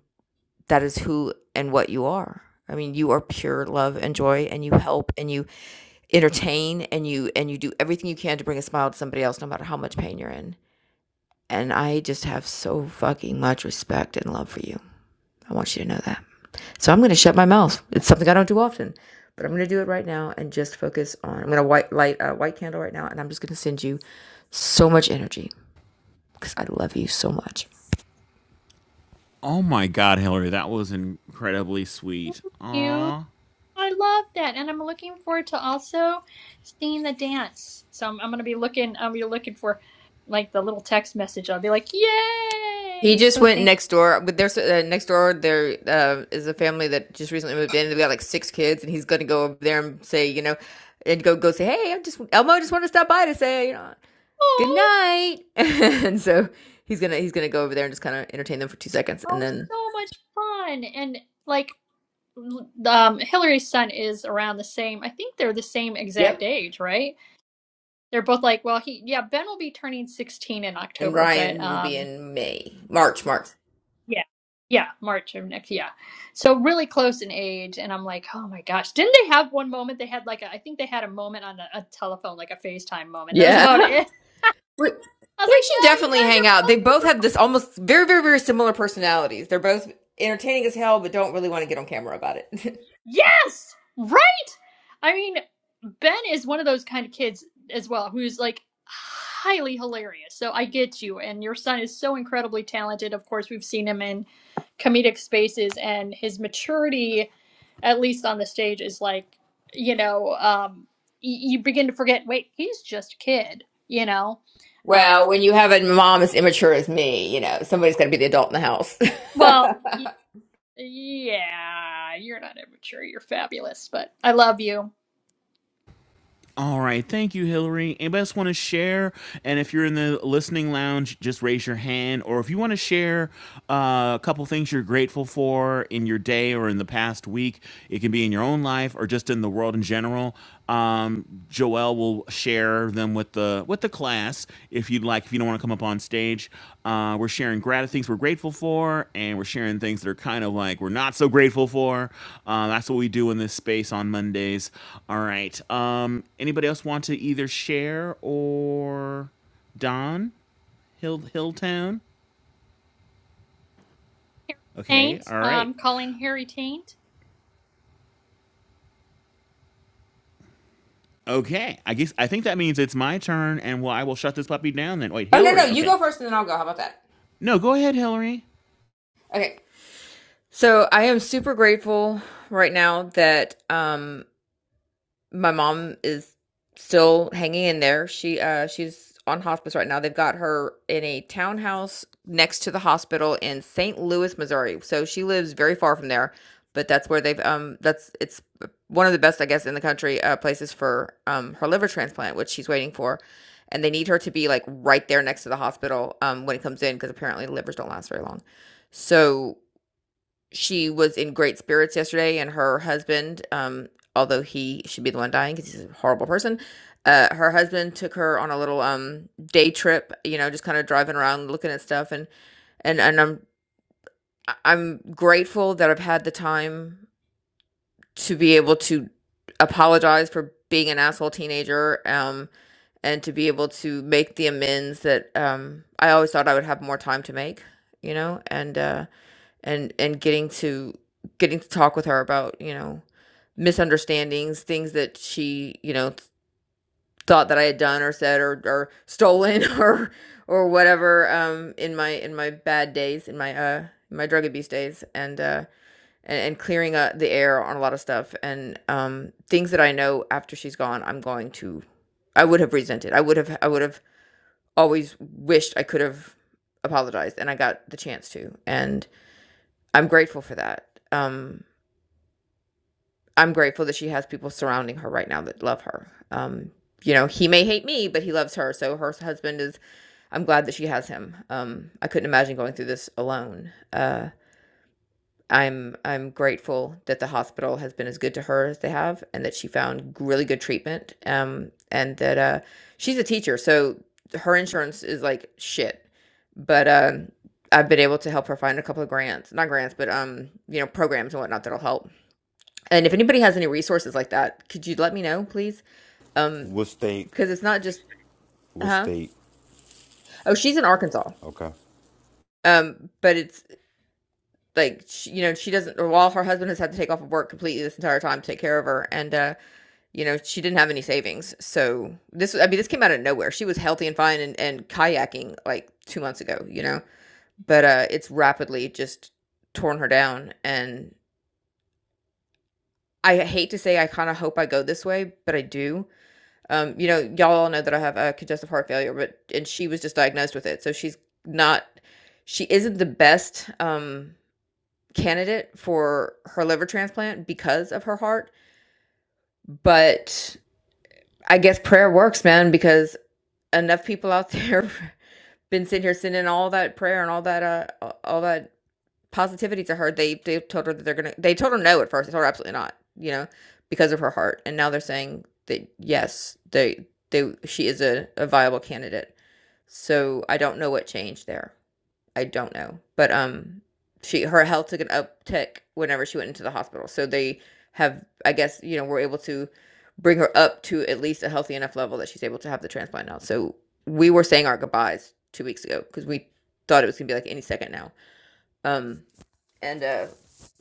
that is who and what you are. I mean, you are pure love and joy and you help and you entertain and you and you do everything you can to bring a smile to somebody else no matter how much pain you're in. And I just have so fucking much respect and love for you. I want you to know that. So I'm going to shut my mouth. It's something I don't do often, but I'm going to do it right now and just focus on. I'm going to white light a white candle right now, and I'm just going to send you so much energy because I love you so much. oh my god hillary that was incredibly sweet Yeah. Aw. I love that, and I'm looking forward to also seeing the dance. So I'm, I'm gonna be looking. I'll be looking for like the little text message. I'll be like, He "Yay!" just So went thank next door, but there's uh, next door there uh, is a family that just recently moved in. They've got like six kids, and he's gonna go over there and say, you know, and go go say, hey, I'm just Elmo. I just want to stop by to say, you know, good oh, night. [LAUGHS] and so he's gonna he's gonna go over there and just kind of entertain them for two seconds, and oh, then so much fun. And like, l- um, Hillary's son is around the same. I think they're the same exact Yep. age, right? They're both like, well, he yeah, Ben will be turning 16 in and October, but Ryan will be um. in May, March, March. Yeah. Yeah, March of next. Yeah. So really close in age and I'm like, "Oh my gosh, didn't they have one moment they had like a, I think they had a moment on a, a telephone like a FaceTime moment. That was Yeah. about it." [LAUGHS] [LAUGHS] We- I They was like, should "No, you definitely guys hang are out. They both both super have this almost very, very, very similar personalities. They're both entertaining as hell, but don't really want to get on camera about it. [LAUGHS] Yes! Right? I mean, Ben is one of those kind of kids as well who's like highly hilarious. So I get you and your son is so incredibly talented. Of course, we've seen him in comedic spaces and his maturity at least on the stage, is like, you know, um, y- you begin to forget. Wait, he's just a kid, you know. [LAUGHS] Uh, well, when you have a mom as immature as me, you know, somebody's got to be the adult in the house. [LAUGHS] well, y- oh, yeah, you're not immature. You're fabulous, but I love you, All right, thank you, Hillary. Anybody else want to share? And if you're in the listening lounge, just raise your hand. Or if you want to share uh, a couple things you're grateful for in your day or in the past week, it can be in your own life or just in the world in general. Um, Joelle will share them with the with the class if you'd like if you don't want to come up on stage uh, we're sharing grat- things we're grateful for and we're sharing things that are kind of like we're not so grateful for uh, that's what we do in this space on mondays all right um, anybody else want to either share or don hill hilltown Harry okay Taint. all right Um, calling Harry Taint. okay i guess i think that means it's my turn and well i will shut this puppy down then wait no, no. hillary You okay go first and then I'll go. How about that? no go ahead hillary Okay. So I am super grateful right now that, um, my mom is still hanging in there. She uh she's on hospice right now. They've got her in a townhouse next to the hospital in St. Louis, Missouri. So she lives very far from there, but that's where they've um that's it's one of the best I guess in the country uh places for um her liver transplant, which she's waiting for. And they need her to be like right there next to the hospital um when it comes in because apparently livers don't last very long. So she was in great spirits yesterday, and her husband, um, although he should be the one dying because he's a horrible person, uh, her husband took her on a little um day trip. You know, just kind of driving around, looking at stuff, and and and I'm I- I'm grateful that I've had the time to be able to apologize for being an asshole teenager, um, and to be able to make the amends that um I always thought I would have more time to make. You know, and uh and and getting to getting to talk with her about you know misunderstandings things that she you know th- thought that i had done or said or or stolen [LAUGHS] or or whatever um in my in my bad days in my uh my drug abuse days and uh and, and clearing uh, the air on a lot of stuff and um things that i know after she's gone i'm going to i would have resented i would have i would have always wished i could have apologized and i got the chance to and i'm grateful for that um I'm grateful that she has people surrounding her right now that love her. Um, you know, he may hate me, but he loves her. So her husband is. I'm glad that she has him. Um, I couldn't imagine going through this alone. Uh, I'm I'm grateful that the hospital has been as good to her as they have, and that she found really good treatment. Um, and that uh, she's a teacher, so her insurance is like shit. But um, I've been able to help her find a couple of grants, not grants, but um, you know, programs and whatnot that'll help. And if anybody has any resources like that, could you let me know, please? Um, What state? because it's not just What huh? state? Oh, she's in Arkansas. Okay. Um, but it's like she, you know she doesn't. Or while her husband has had to take off of work completely this entire time to take care of her, and uh, you know she didn't have any savings. So this, I mean, this came out of nowhere. She was healthy and fine and, and kayaking like two months ago, you know. But uh, it's rapidly just torn her down, and I hate to say I kind of hope I go this way, but I do Um, you know, y'all all know that I have, uh, congestive heart failure, but and she was just diagnosed with it, so she's not she isn't the best, um, candidate for her liver transplant because of her heart, but I guess prayer works, man, because enough people out there [LAUGHS] been sitting here sending all that prayer and all that, uh, all that positivity to her. They they told her that they're gonna. They told her no at first. They told her absolutely not. You know, because of her heart. And now they're saying that yes, they they she is a, a viable candidate. So I don't know what changed there. I don't know, but um, she her health took an uptick whenever she went into the hospital. So they have, I guess, you know, were able to bring her up to at least a healthy enough level that she's able to have the transplant now. So we were saying our goodbyes two weeks ago because we thought it was gonna be like any second now. Um, and uh,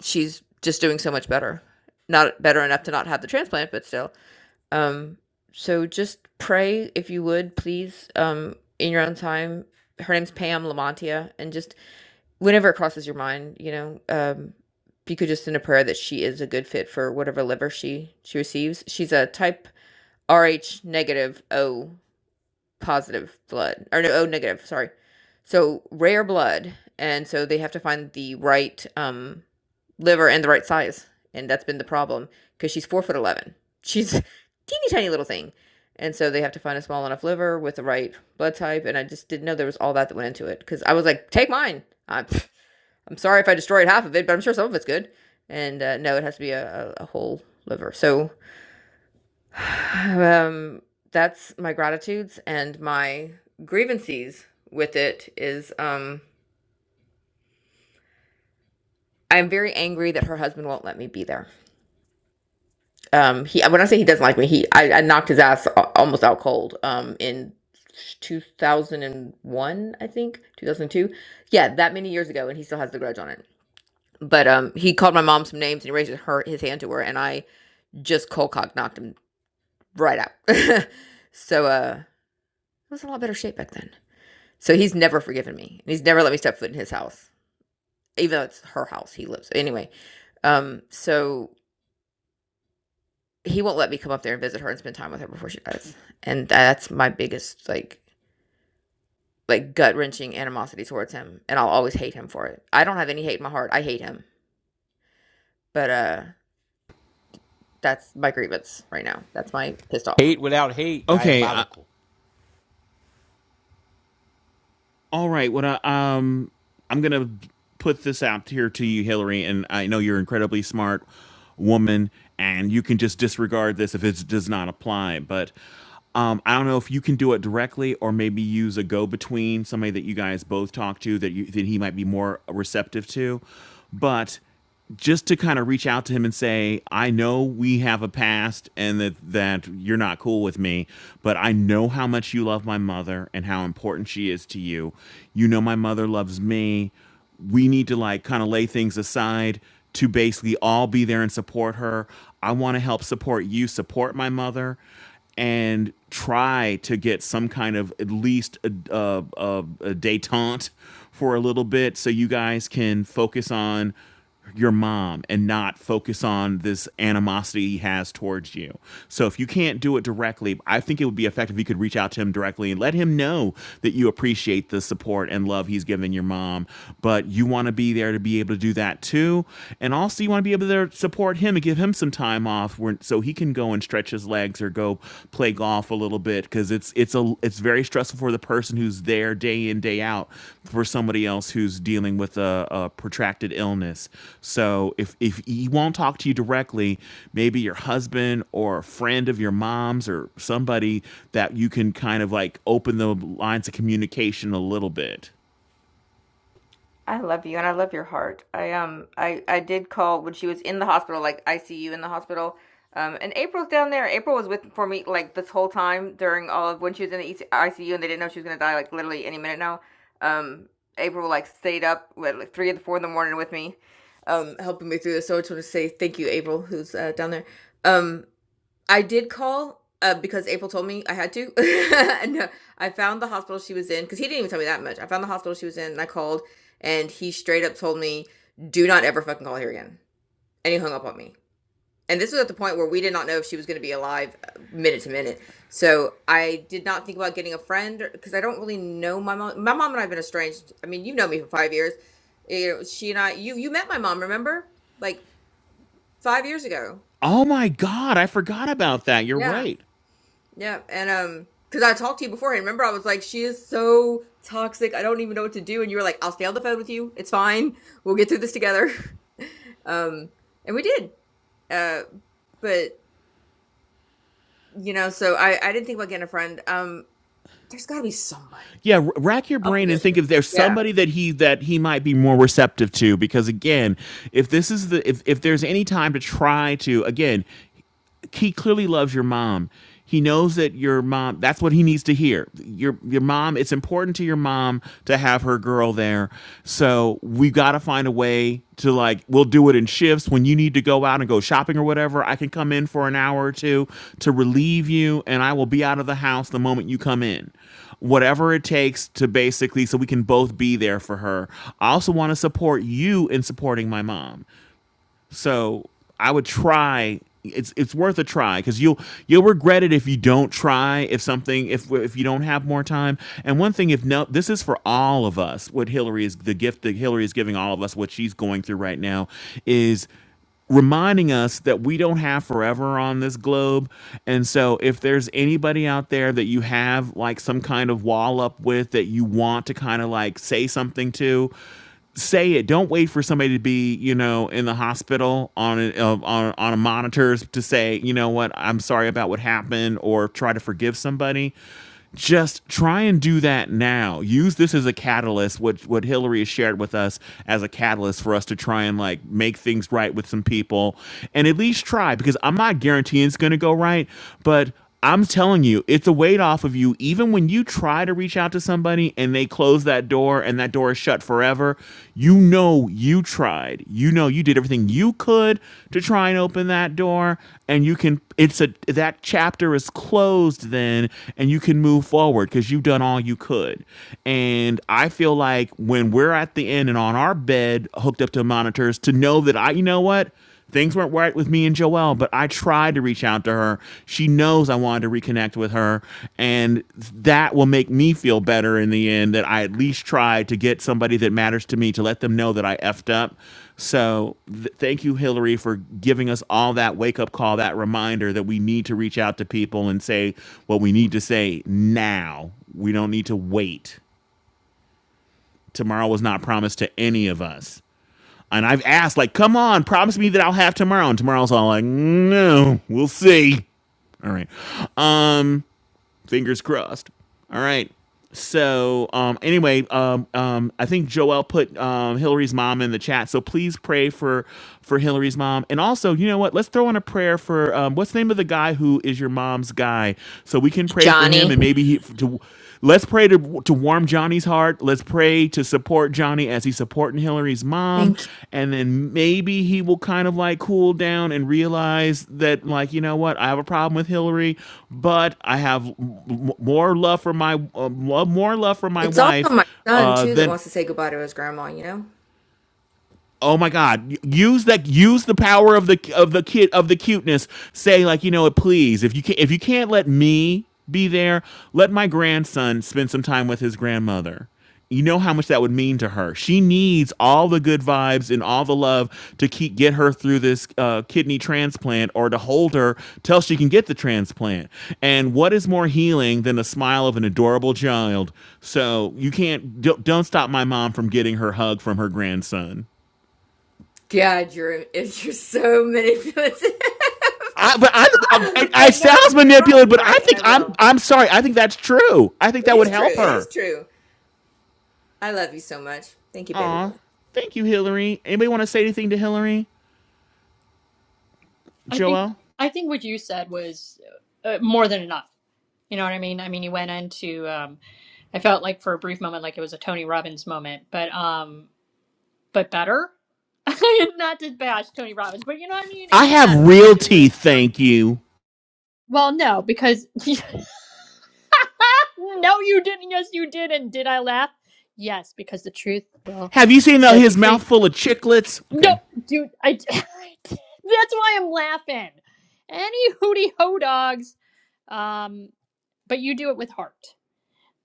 she's just doing so much better. Not better enough to not have the transplant, but still. Um, so just pray if you would, please, um, in your own time. Her name's Pam Lamontia, and just whenever it crosses your mind, you know, um, you could just send a prayer that she is a good fit for whatever liver she she receives. She's a type Rh negative O positive blood or no oh negative sorry so rare blood and so they have to find the right um liver and the right size and that's been the problem because she's four foot eleven she's [LAUGHS] teeny tiny little thing and so they have to find a small enough liver with the right blood type and i just didn't know there was all that that went into it because i was like take mine I'm, [LAUGHS] I'm sorry if i destroyed half of it but i'm sure some of it's good and uh, no it has to be a, a, a whole liver so um, that's my gratitudes and my grievances with it is um I'm very angry that her husband won't let me be there. Um he when I say he doesn't like me, he I, I knocked his ass a- almost out cold um in 2001, I think, 2002. Yeah, that many years ago and he still has the grudge on it. But um he called my mom some names and he raised her his hand to her and I just cold cock knocked him right out. [LAUGHS] so uh I was in a lot better shape back then. So he's never forgiven me. and He's never let me step foot in his house, even though it's her house he lives. Anyway, um, so he won't let me come up there and visit her and spend time with her before she dies, and that's my biggest like like gut wrenching animosity towards him, and I'll always hate him for it. I don't have any hate in my heart. I hate him, but uh, that's my grievance right now. That's my pissed off. Hate without hate, Okay, I, diabolical. All right. What I, um, I'm gonna put this out here to you, Hillary, and I know you're an incredibly smart woman, and you can just disregard this if it does not apply. But um, I don't know if you can do it directly, or maybe use a go-between, somebody that you guys both talk to that you that he might be more receptive to. But just to kind of reach out to him and say, I know we have a past and that, that you're not cool with me, but I know how much you love my mother and how important she is to you. You know, my mother loves me. We need to like kind of lay things aside to basically all be there and support her. I want to help support you, support my mother and try to get some kind of at least a, a, a, a detente for a little bit so you guys can focus on your mom and not focus on this animosity he has towards you. So if you can't do it directly, I think it would be effective if you could reach out to him directly and let him know that you appreciate the support and love he's given your mom, but you want to be there to be able to do that too. And also you want to be able to support him and give him some time off where, so he can go and stretch his legs or go go play golf a little bit because it's it's a it's very stressful for the person who's there day in day out for somebody else who's dealing with a, a protracted illness. So if if he won't talk to you directly, maybe your husband or a friend of your mom's or somebody that you can kind of like open the lines of communication a little bit. I love you and I love your heart. I um I I did call when she was in the hospital, like ICU in the hospital. Um, and April's down there. April was with for me like this whole time during all of when she was in the ICU and they didn't know she was gonna die like literally any minute now. Um, April like stayed up at like three or four in the morning with me, um, helping me through this. So I just want to say thank you, April, who's uh, down there. Um, I did call, uh, because April told me I had to. [LAUGHS] No, I found the hospital she was in because he didn't even tell me that much. I found the hospital she was in and I called, and he straight up told me, "Do not ever fucking call here again." And he hung up on me. And this was at the point where we did not know if she was going to be alive uh, minute to minute. So I did not think about getting a friend because I don't really know my mom. My mom and I have been estranged. I mean, you've known me for five years. You know, she and I. You you met my mom, remember? Like five years ago. Oh my God, I forgot about that. You're Yeah. right. Yeah, and um, because I talked to you beforehand. Remember, I was like, she is so toxic. I don't even know what to do. And you were like, I'll stay on the phone with you. It's fine. We'll get through this together. [LAUGHS] um, and we did. Uh, but you know, so I I didn't think about getting a friend. Um, there's got to be somebody. yeah r- rack your I'll brain figure and it. think out. if there's Yeah, somebody that he that he might be more receptive to because again if this is the if, if there's any time to try to again he clearly loves your mom. He knows that your mom, that's what he needs to hear. Your your mom, it's important to your mom to have her girl there. So we got to find a way to like we'll do it in shifts when you need to go out and go shopping or whatever. I can come in for an hour or two to relieve you and I will be out of the house the moment you come in whatever it takes to basically so we can both be there for her. I also want to support you in supporting my mom. So I would try. It's it's worth a try because you'll you'll regret it if you don't try. If something if if you don't have more time. And one thing, if no, this is for all of us. What Hillary is the gift that Hillary is giving all of us. What she's going through right now is reminding us that we don't have forever on this globe. And so if there's anybody out there that you have like some kind of wall up with that you want to kind of like say something to, say it. Don't wait for somebody to be, you know, in the hospital on a, uh, on on a monitor to say, you know what, I'm sorry about what happened or try to forgive somebody just try and do that now. Use this as a catalyst, what what Hillary has shared with us as a catalyst for us to try and like make things right with some people and at least try because I'm not guaranteeing it's gonna go right, but I'm telling you, it's a weight off of you. Even when you try to reach out to somebody and they close that door and that door is shut forever, you know know you tried. You know you did everything you could to try and open that door and you can it's a that chapter is closed then and you can move forward cuz you've done all you could. And I feel like when we're at the end and on our bed hooked up to monitors to know that I you know what? Things weren't right with me and Joelle, but I tried to reach out to her. She knows I wanted to reconnect with her, and that will make me feel better in the end that I at least tried to get somebody that matters to me to let them know that I effed up. So, th- thank you, Hillary, for giving us all that wake up call, that reminder that we need to reach out to people and say what we need to say now. We don't need to wait. Tomorrow was not promised to any of us. And I've asked, like, come on, promise me that I'll have tomorrow. And tomorrow's all like, no, we'll see. All right. Um, fingers crossed. All right. So, um, anyway, um, um, I think Joel put um, Hillary's mom in the chat. So please pray for for Hillary's mom, and also, you know what? Let's throw in a prayer for um, what's the name of the guy who is your mom's guy, so we can pray for him, Johnny. and maybe he to. Let's pray to here to warm Johnny's heart. Let's pray to support Johnny as he's supporting Hillary's mom. Thank you. And then maybe he will kind of like cool down and realize that, like, you know what? I have a problem with Hillary, but I have m- more love for my uh, love, more love for my It's also wife my son uh, too that than wants to say goodbye to his grandma. You know. Oh my God! Use that. Use the power of the of the kid of the cuteness. Say like you know what? Please, if you can, if you can't let me be there, let my grandson spend some time with his grandmother. You know how much that would mean to her. She needs all the good vibes and all the love to keep get her through this uh, kidney transplant, or to hold her till she can get the transplant. And what is more healing than the smile of an adorable child? So you can't don't, don't stop my mom from getting her hug from her grandson. God, you're [LAUGHS] you're so manipulative. [LAUGHS] I, but I, I, but I no, sounds but you're right. manipulative, You're but I right, and think I I'm will. I'm sorry. I think that's true. I think It that would is true. It help is her. true. I love you so much. Thank you, baby Aw, boy. thank you, Hillary. Anybody want to say anything to Hillary, I think Joel? I think what you said was uh, more than enough. You know what I mean? I mean, you went into. Um, I felt like for a brief moment, like it was a Tony Robbins moment, but um, but better. [LAUGHS] Not to bash Tony Robbins, but you know what I mean. It I was have better real because it was. teeth, thank you. Well, no, because [LAUGHS] no, you didn't. Yes, you did. And did I laugh? Yes, because the truth will Have you seen though set you his mouth free. full of chiclets? Okay, No, dude, I. [LAUGHS] That's why I'm laughing. Any hootie ho dogs. Um, but you do it with heart.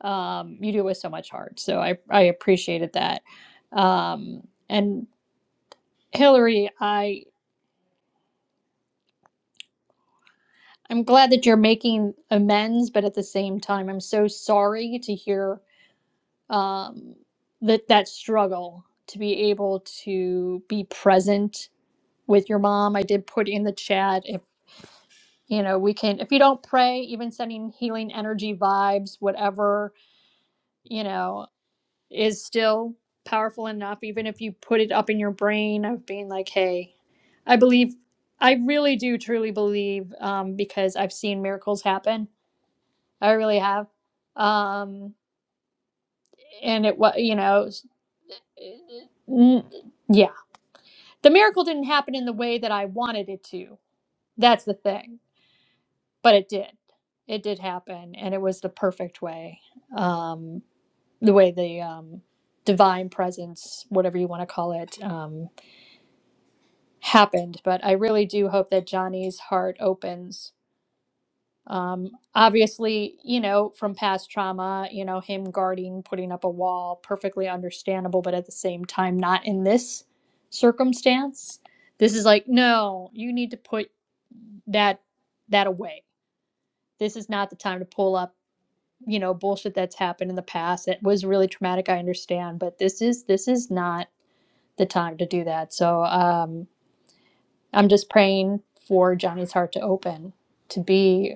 Um, you do it with so much heart. So I I appreciated that. Um, and Hillary, I I'm glad that you're making amends, but at the same time, I'm so sorry to hear um, that that struggle to be able to be present with your mom. I did put in the chat if you know we can if you don't pray, even sending healing energy vibes, whatever you know is still powerful enough. Even if you put it up in your brain of being like, hey, I believe. I really do truly believe um, because I've seen miracles happen I really have. Um, and it was, you know, s- n- yeah, the miracle didn't happen in the way that I wanted it to. That's the thing, but it did. It did happen, and it was the perfect way. Um, the way the um, divine presence, whatever you want to call it, um, happened. But I really do hope that Johnny's heart opens Um, obviously, you know, from past trauma, you know, him guarding, putting up a wall, perfectly understandable, but at the same time, not in this circumstance. This is like, no, you need to put that that away. This is not the time to pull up, you know, bullshit that's happened in the past. It was really traumatic, I understand, but this is this is not the time to do that. So um I'm just praying for Johnny's heart to open, to be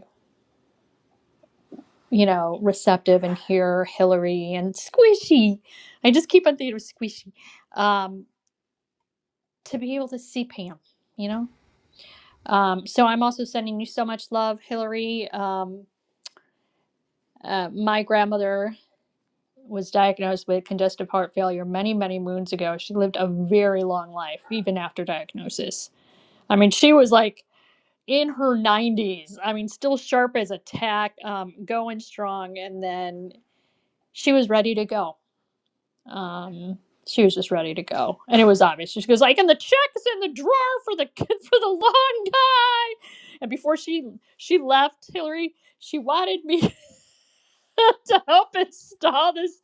you know, receptive and hear Hillary and Squishy. I just keep on thinking of Squishy um, to be able to see Pam, you know? Um, so I'm also sending you so much love, Hillary. Um, uh, my grandmother was diagnosed with congestive heart failure many, many moons ago. She lived a very long life, even after diagnosis. I mean, she was like in her 90s. I mean, still sharp as a tack, um, going strong. And then she was ready to go Um, she was just ready to go, and it was obvious. She goes like, "And the check is in the drawer for the [LAUGHS] for the lawn guy." And before she she left, Hillary, she wanted me [LAUGHS] to help install this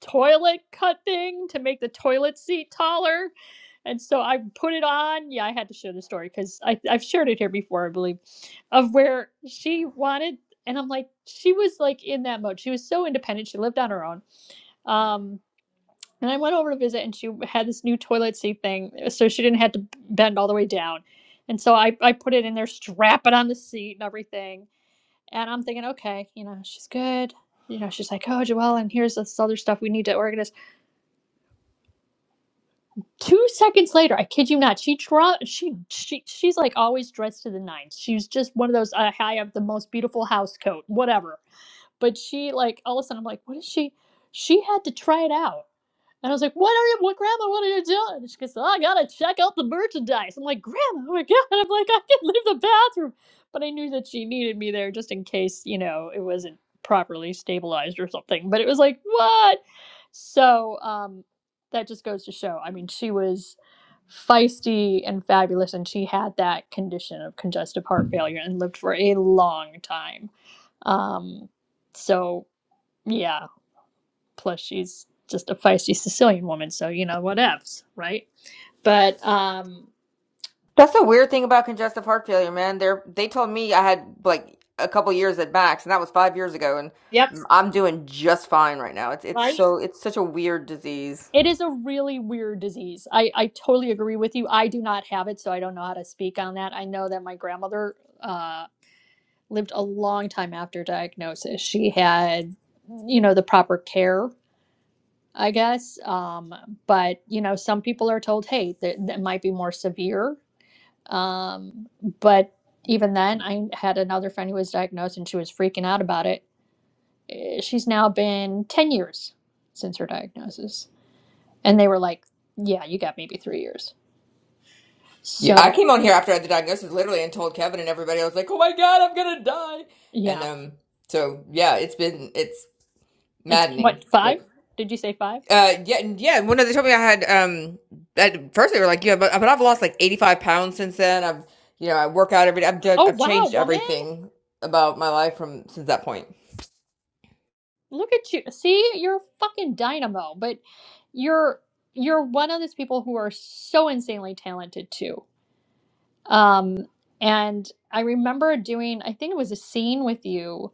toilet cut thing to make the toilet seat taller. And so I put it on. Yeah, I had to share the story because I've shared it here before, I believe, of where she wanted. And I'm like, she was like in that mode. She was so independent. She lived on her own. Um, and I went over to visit, and she had this new toilet seat thing, so she didn't have to bend all the way down. And so I, I put it in there, strap it on the seat and everything. And I'm thinking, okay, you know, she's good. You know, she's like, oh, Joelle, and here's this other stuff we need to organize. Two seconds later, I kid you not, she draw, she, she, she's like always dressed to the nines. She's just one of those, uh, I have the most beautiful house coat, whatever. But she, like, all of a sudden, I'm like, what is she? She had to try it out And I was like, "What are you, what, Grandma? What are you doing?" And she goes, "Oh, I gotta check out the merchandise." I'm like, "Grandma, oh my [LAUGHS] god!" I'm like, "I can leave the bathroom," but I knew that she needed me there just in case, you know, it wasn't properly stabilized or something. But it was like, "What?" So um, that just goes to show. I mean, she was feisty and fabulous, and she had that condition of congestive heart failure and lived for a long time. Um, so yeah, plus she's just a feisty Sicilian woman, so you know whatevs, right? But um, That's the weird thing about congestive heart failure, man. They're they told me I had like a couple years at max, and that was five years ago, and yep, I'm doing just fine right now. It's it's right. so it's such a weird disease. It is a really weird disease. I I totally agree with you. I do not have it, so I don't know how to speak on that. I know that my grandmother uh lived a long time after diagnosis. She had you know the proper care. I guess, um, but you know, some people are told, "Hey, that, that might be more severe." Um, but even then, I had another friend who was diagnosed, and she was freaking out about it eh, she's now been 10 years since her diagnosis. And they were like, yeah, you got maybe three years. Yeah, I So, came on here after I had the diagnosis, literally, and told Kevin and everybody. I was like, "Oh my God, I'm gonna die!" And yeah, um, so yeah, it's been it's it's been what, maddening, but. five? Did you say five? Uh, yeah, and- yeah. When they told me I had, um, at first they were like, yeah, but, but I've lost like 85 pounds since then. I've, you know, I work out every day. I've, done- Oh, I've wow, changed woman. everything about my life from since that point. Look at you. See, you're a fucking dynamo, but you're you're one of those people who are so insanely talented too. Um and I remember doing I think it was a scene with you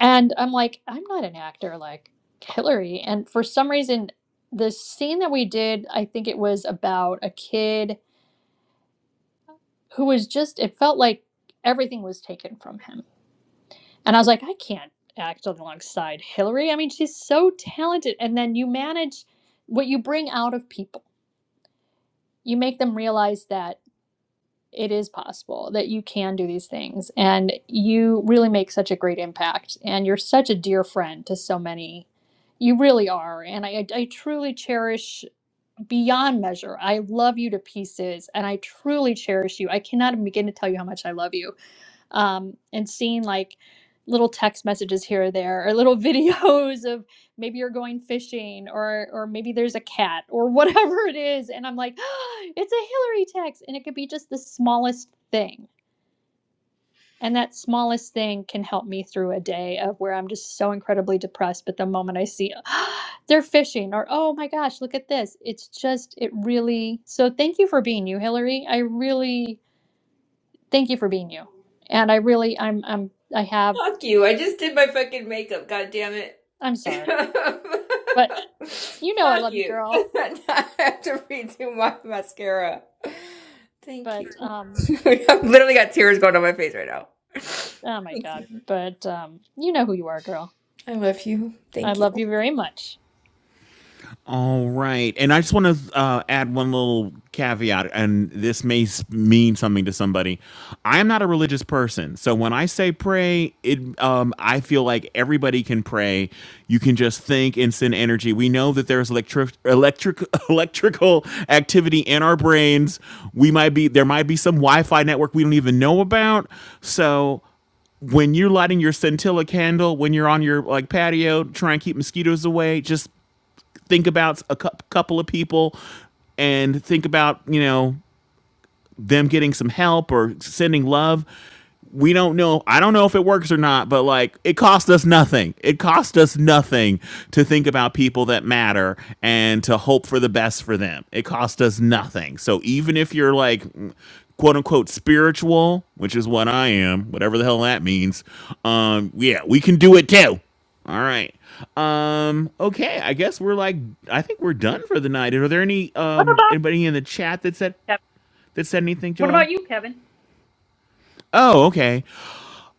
And I'm like, I'm not an actor like Hillary. And for some reason, the scene that we did, I think it was about a kid who was just, it felt like everything was taken from him. And I was like, I can't act alongside Hillary. I mean, she's so talented. And then you manage what you bring out of people, you make them realize that. it is possible that you can do these things and you really make such a great impact and you're such a dear friend to so many you really are and I, I truly cherish beyond measure i love you to pieces and i truly cherish you i cannot begin to tell you how much i love you um, and seeing like little text messages here or there or little [LAUGHS] videos of maybe you're going fishing or or maybe there's a cat or [LAUGHS] whatever it is and i'm like [GASPS] "Ah, it's a hillary text and it could be just the smallest thing and that smallest thing can help me through a day of where i'm just so incredibly depressed but the moment i see [GASPS] "Ah, they're fishing or oh my gosh look at this it's just it really so thank you for being you hillary i really thank you for being you and i really i'm i'm i have Fuck you. I just did my fucking makeup. God damn it. I'm sorry, but [LAUGHS] you know I Fuck love you, you. girl. [LAUGHS] I have to redo my mascara. Thank you. But um, [LAUGHS] I've literally got tears going on my face right now. oh my Thank god, you. but um, you know who you are, girl. I love you. I Thank love you. you very much. All right. And I just want to uh, add one little caveat, and this may s- mean something to somebody. I am not a religious person. So when I say pray, it um, I feel like everybody can pray. You can just think and send energy. We know that there's electric, electric, [LAUGHS] electrical activity in our brains. We might be, there might be some Wi Fi network we don't even know about. So when you're lighting your scintilla candle when you're on your like patio try and keep mosquitoes away just think about a cou- couple of people and think about you know them getting some help or sending love. We don't know. I don't know if it works or not, but like it cost us nothing. It cost us nothing to think about people that matter and to hope for the best for them. It cost us nothing. So even if you're like quote unquote spiritual, which is what I am, whatever the hell that means, um yeah, we can do it too. All right. Um okay, I guess we're like I think we're done for the night. Are there any What um about anybody in the chat that said Kevin? that said anything, What Joel? about you, Kevin? Oh, okay.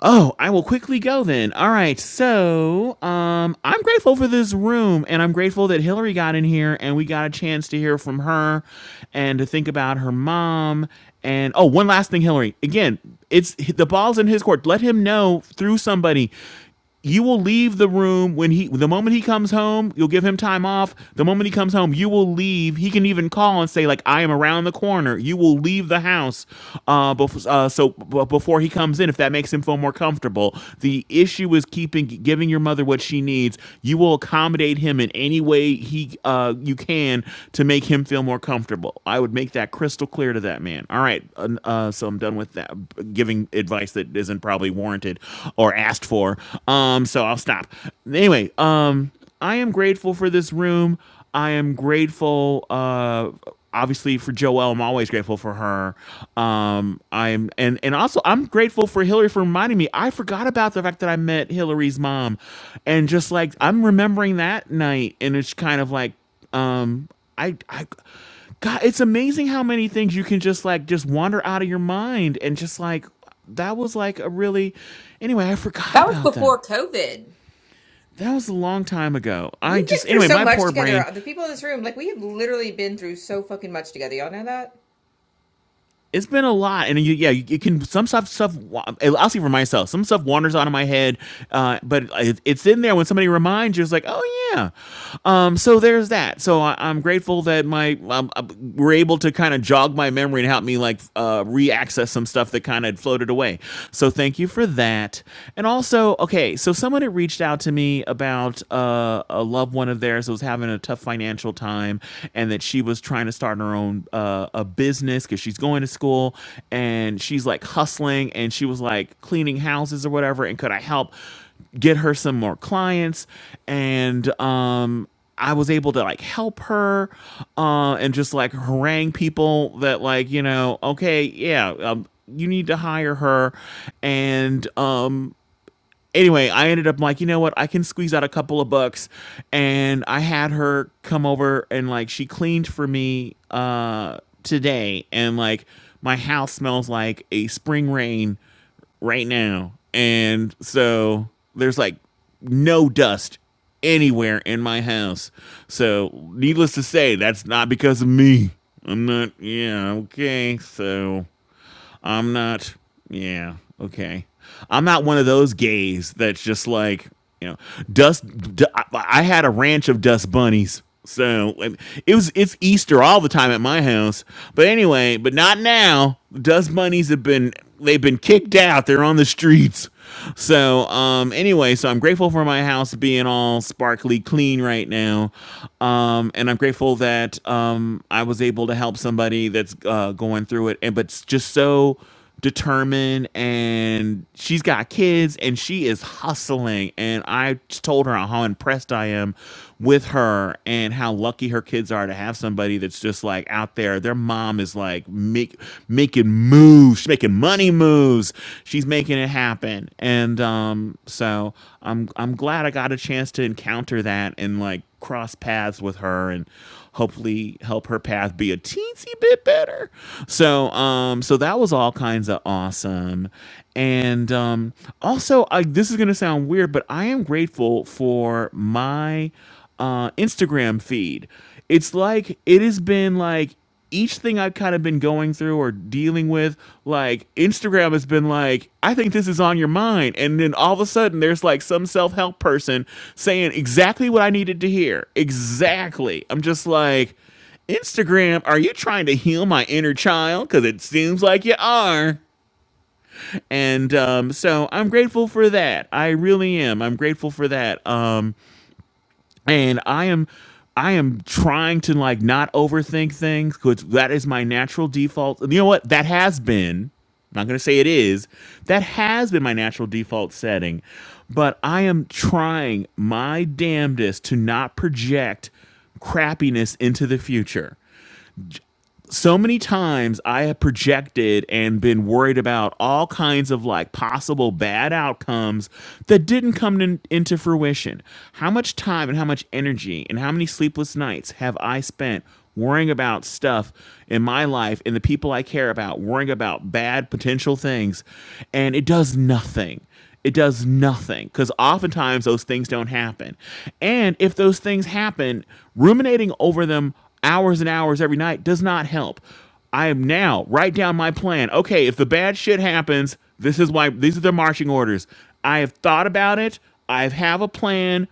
Oh, I will quickly go then. All right. So, um, I'm grateful for this room, and I'm grateful that Hillary got in here, and we got a chance to hear from her, and to think about her mom. And oh, one last thing, Hillary. Again, it's the ball's in his court. Let him know through somebody you will leave the room when he the moment he comes home you'll give him time off the moment he comes home you will leave he can even call and say like i am around the corner you will leave the house uh, bef- uh so b- before he comes in if that makes him feel more comfortable the issue is keeping giving your mother what she needs you will accommodate him in any way he uh you can to make him feel more comfortable i would make that crystal clear to that man all right uh, uh, so i'm done with that giving advice that isn't probably warranted or asked for Um. Um, so I'll stop. Anyway, um, I am grateful for this room. I am grateful, uh, obviously for Joelle. I'm always grateful for her. Um, I'm and and also I'm grateful for Hillary for reminding me. I forgot about the fact that I met Hillary's mom, and just like I'm remembering that night, and it's kind of like, um, I I. God, it's amazing how many things you can just like just wander out of your mind and just like that was like a really anyway, I That forgot was about that. before COVID. That was a long time ago. I We've been just through anyway, so my much poor together. brain. The people in this room, like, we have literally been through so fucking much together. Y'all know that? It's been a lot, and you, yeah, you, you can some stuff stuff. wa- I'll see for myself. Some stuff wanders out of my head, uh, but it, it's in there when somebody reminds you. It's like, oh yeah. Um, so there's that. So I, I'm grateful that my um, uh, we're able to kind of jog my memory and help me like uh, re-access some stuff that kind of floated away. So thank you for that. And also, okay, so someone had reached out to me about uh, a loved one of theirs that was having a having a tough financial time and that she was trying to start her own uh, a business because she's going to school and she's like hustling and she was like cleaning houses or whatever and could I help get her some more clients and um I was able to like help her uh, and just like harangue people that like you know okay yeah um, you need to hire her and um anyway, I ended up like, you know what? I can squeeze out a couple of bucks, and I had her come over and like she cleaned for me uh today, and like my house smells like a spring rain right now, and so there's like no dust anywhere in my house. So, needless to say, that's not because of me. I'm not. Yeah. Okay. So. I'm not. Yeah. Okay. I'm not one of those gays that's just like you know dust. D- I I had a ranch of dust bunnies. So um, it was it's Easter all the time at my house. But anyway, but not now. Dust bunnies have been they've been kicked out. They're on the streets. So, um, anyway, so I'm grateful for my house being all sparkly clean right now. Um, and I'm grateful that um, I was able to help somebody that's uh, going through it, and but it's just so determined and she's got kids and she is hustling and i just told her how impressed i am with her and how lucky her kids are to have somebody that's just like out there. Their mom is like make, making moves, she's making money moves. She's making it happen, and um, so I'm I'm glad I got a chance to encounter that and like cross paths with her and hopefully help her path be a teensy bit better. So um so that was all kinds of awesome. And um also I this is going to sound weird but I am grateful for my uh, Instagram feed. It's like it has been like each thing I've kind of been going through or dealing with, like Instagram has been like, I think this is on your mind. And then all of a sudden, there's like some self help person saying exactly what I needed to hear. Exactly. I'm just like, Instagram, are you trying to heal my inner child? Because it seems like you are. And um, so I'm grateful for that. I really am. I'm grateful for that. Um, and I am I am trying to like not overthink things because that is my natural default. And you know what? That has been. I'm not going to say it is. That has been my natural default setting, but I am trying my damnedest to not project crappiness into the future so many times I have projected and been worried about all kinds of like possible bad outcomes that didn't come in, into fruition. How much time and how much energy and how many sleepless nights have I spent worrying about stuff in my life and the people I care about, worrying about bad potential things, and it does nothing it does nothing because oftentimes those things don't happen. And if those things happen, ruminating over them hours and hours every night does not help. I am now write down my plan. Okay, if the bad shit happens, this is why these are the marching orders. I have thought about it. I have a plan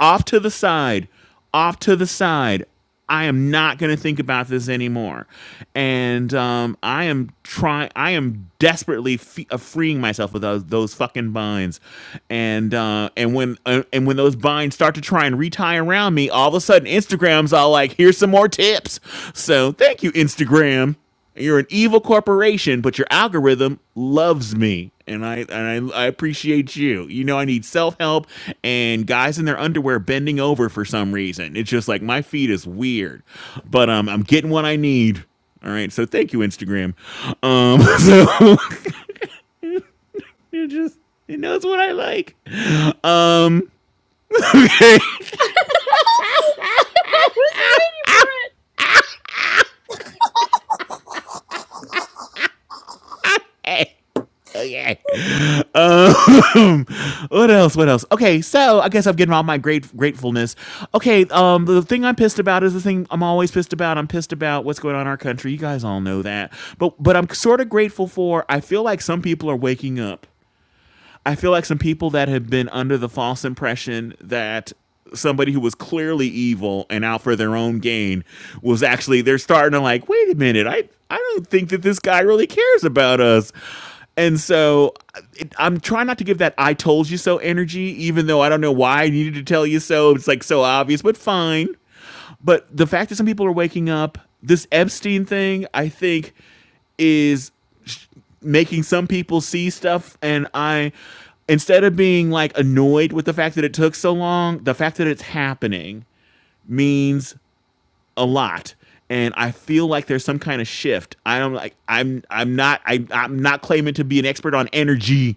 off to the side, off to the side. I am not going to think about this anymore. And um, I am trying, I am desperately fe- uh, freeing myself of those, those fucking binds. And uh, and when uh, and when those binds start to try and retie around me, all of a sudden Instagram's all like, here's some more tips. So thank you, Instagram. You're an evil corporation, but your algorithm loves me, and I and I, I appreciate you. You know, I need self help and guys in their underwear bending over for some reason. It's just like my feed is weird, but um, I'm getting what I need. All right, so thank you, Instagram. Um, [LAUGHS] so [LAUGHS] it just it knows what I like. Um, [LAUGHS] [LAUGHS] I was waiting for it. okay, okay. Um, [LAUGHS] what else? What else? Okay, so I guess I'm getting all my great gratefulness. Okay, um, the thing I'm pissed about is the thing I'm always pissed about. I'm pissed about what's going on in our country. You guys all know that, but but I'm sort of grateful for. I feel like some people are waking up. I feel like some people that have been under the false impression that somebody who was clearly evil and out for their own gain was actually they're starting to like wait a minute i i don't think that this guy really cares about us and so it, i'm trying not to give that i told you so energy even though i don't know why i needed to tell you so it's like so obvious but fine but the fact that some people are waking up, this Epstein thing, I think, is sh- making some people see stuff. And I, instead of being like annoyed with the fact that it took so long, the fact that it's happening means a lot and I feel like there's some kind of shift. I don't like I'm I'm not I I'm not claiming to be an expert on energy,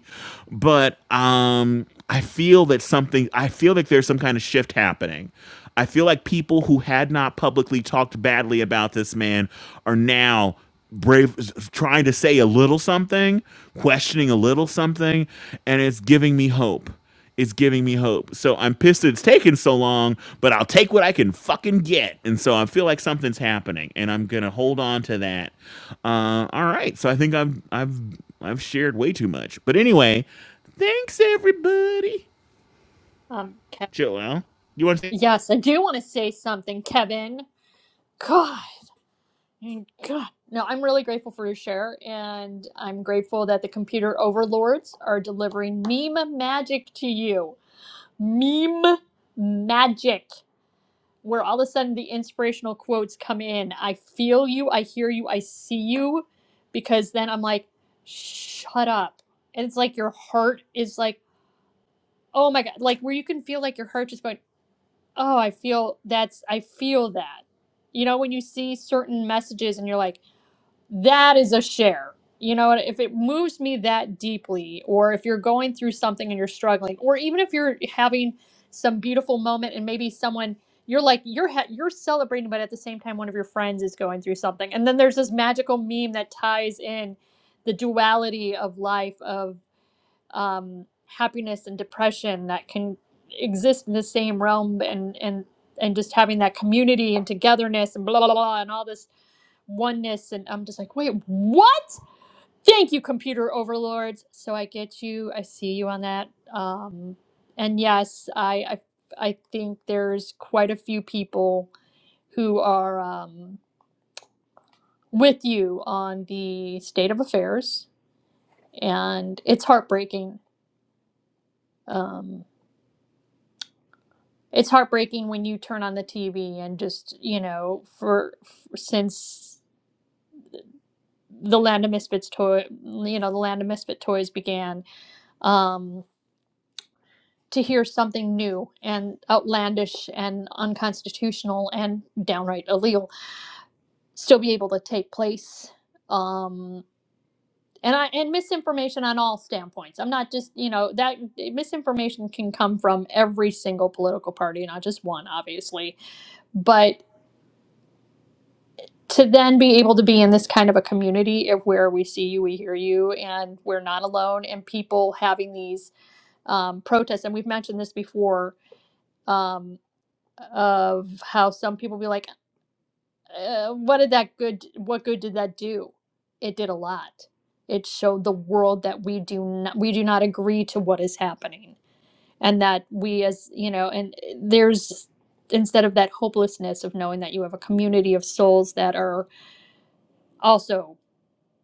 but um I feel that something I feel like there's some kind of shift happening. I feel like people who had not publicly talked badly about this man are now brave trying to say a little something, questioning a little something, and it's giving me hope is giving me hope. So I'm pissed it's taken so long, but I'll take what I can fucking get. And so I feel like something's happening, and I'm gonna hold on to that. Uh, all right. So I think I've I've I've shared way too much, but anyway, thanks everybody. Um, Kevin. Joel, you want to? say? Yes, I do want to say something, Kevin. God. Mm, God. No, I'm really grateful for your share, and I'm grateful that the computer overlords are delivering meme magic to you. Meme magic, where all of a sudden the inspirational quotes come in. I feel you, I hear you, I see you, because then I'm like, shut up. And it's like your heart is like, oh my God, like where you can feel like your heart just going, oh, I feel that's, I feel that. You know, when you see certain messages and you're like, that is a share. You know, and if it moves me that deeply, or if you're going through something and you're struggling, or even if you're having some beautiful moment and maybe someone you're like you're ha- you're celebrating, but at the same time, one of your friends is going through something, and then there's this magical meme that ties in the duality of life of um, happiness and depression that can exist in the same realm, and and and just having that community and togetherness and blah blah blah blah and all this oneness and i'm just like wait what thank you computer overlords so i get you i see you on that um and yes i i, I think there's quite a few people who are um with you on the state of affairs and it's heartbreaking um it's heartbreaking when you turn on the tv and just you know for, for since the land of misfits toy you know the land of misfit toys began um to hear something new and outlandish and unconstitutional and downright illegal still be able to take place um and i and misinformation on all standpoints i'm not just you know that misinformation can come from every single political party not just one obviously but to then be able to be in this kind of a community of where we see you we hear you and we're not alone and people having these um, protests and we've mentioned this before um, of how some people be like, uh, what did that good, what good did that do? It did a lot. It showed the world that we do not, we do not agree to what is happening, and that we as you know, and uh, there's instead of that hopelessness of knowing that you have a community of souls that are also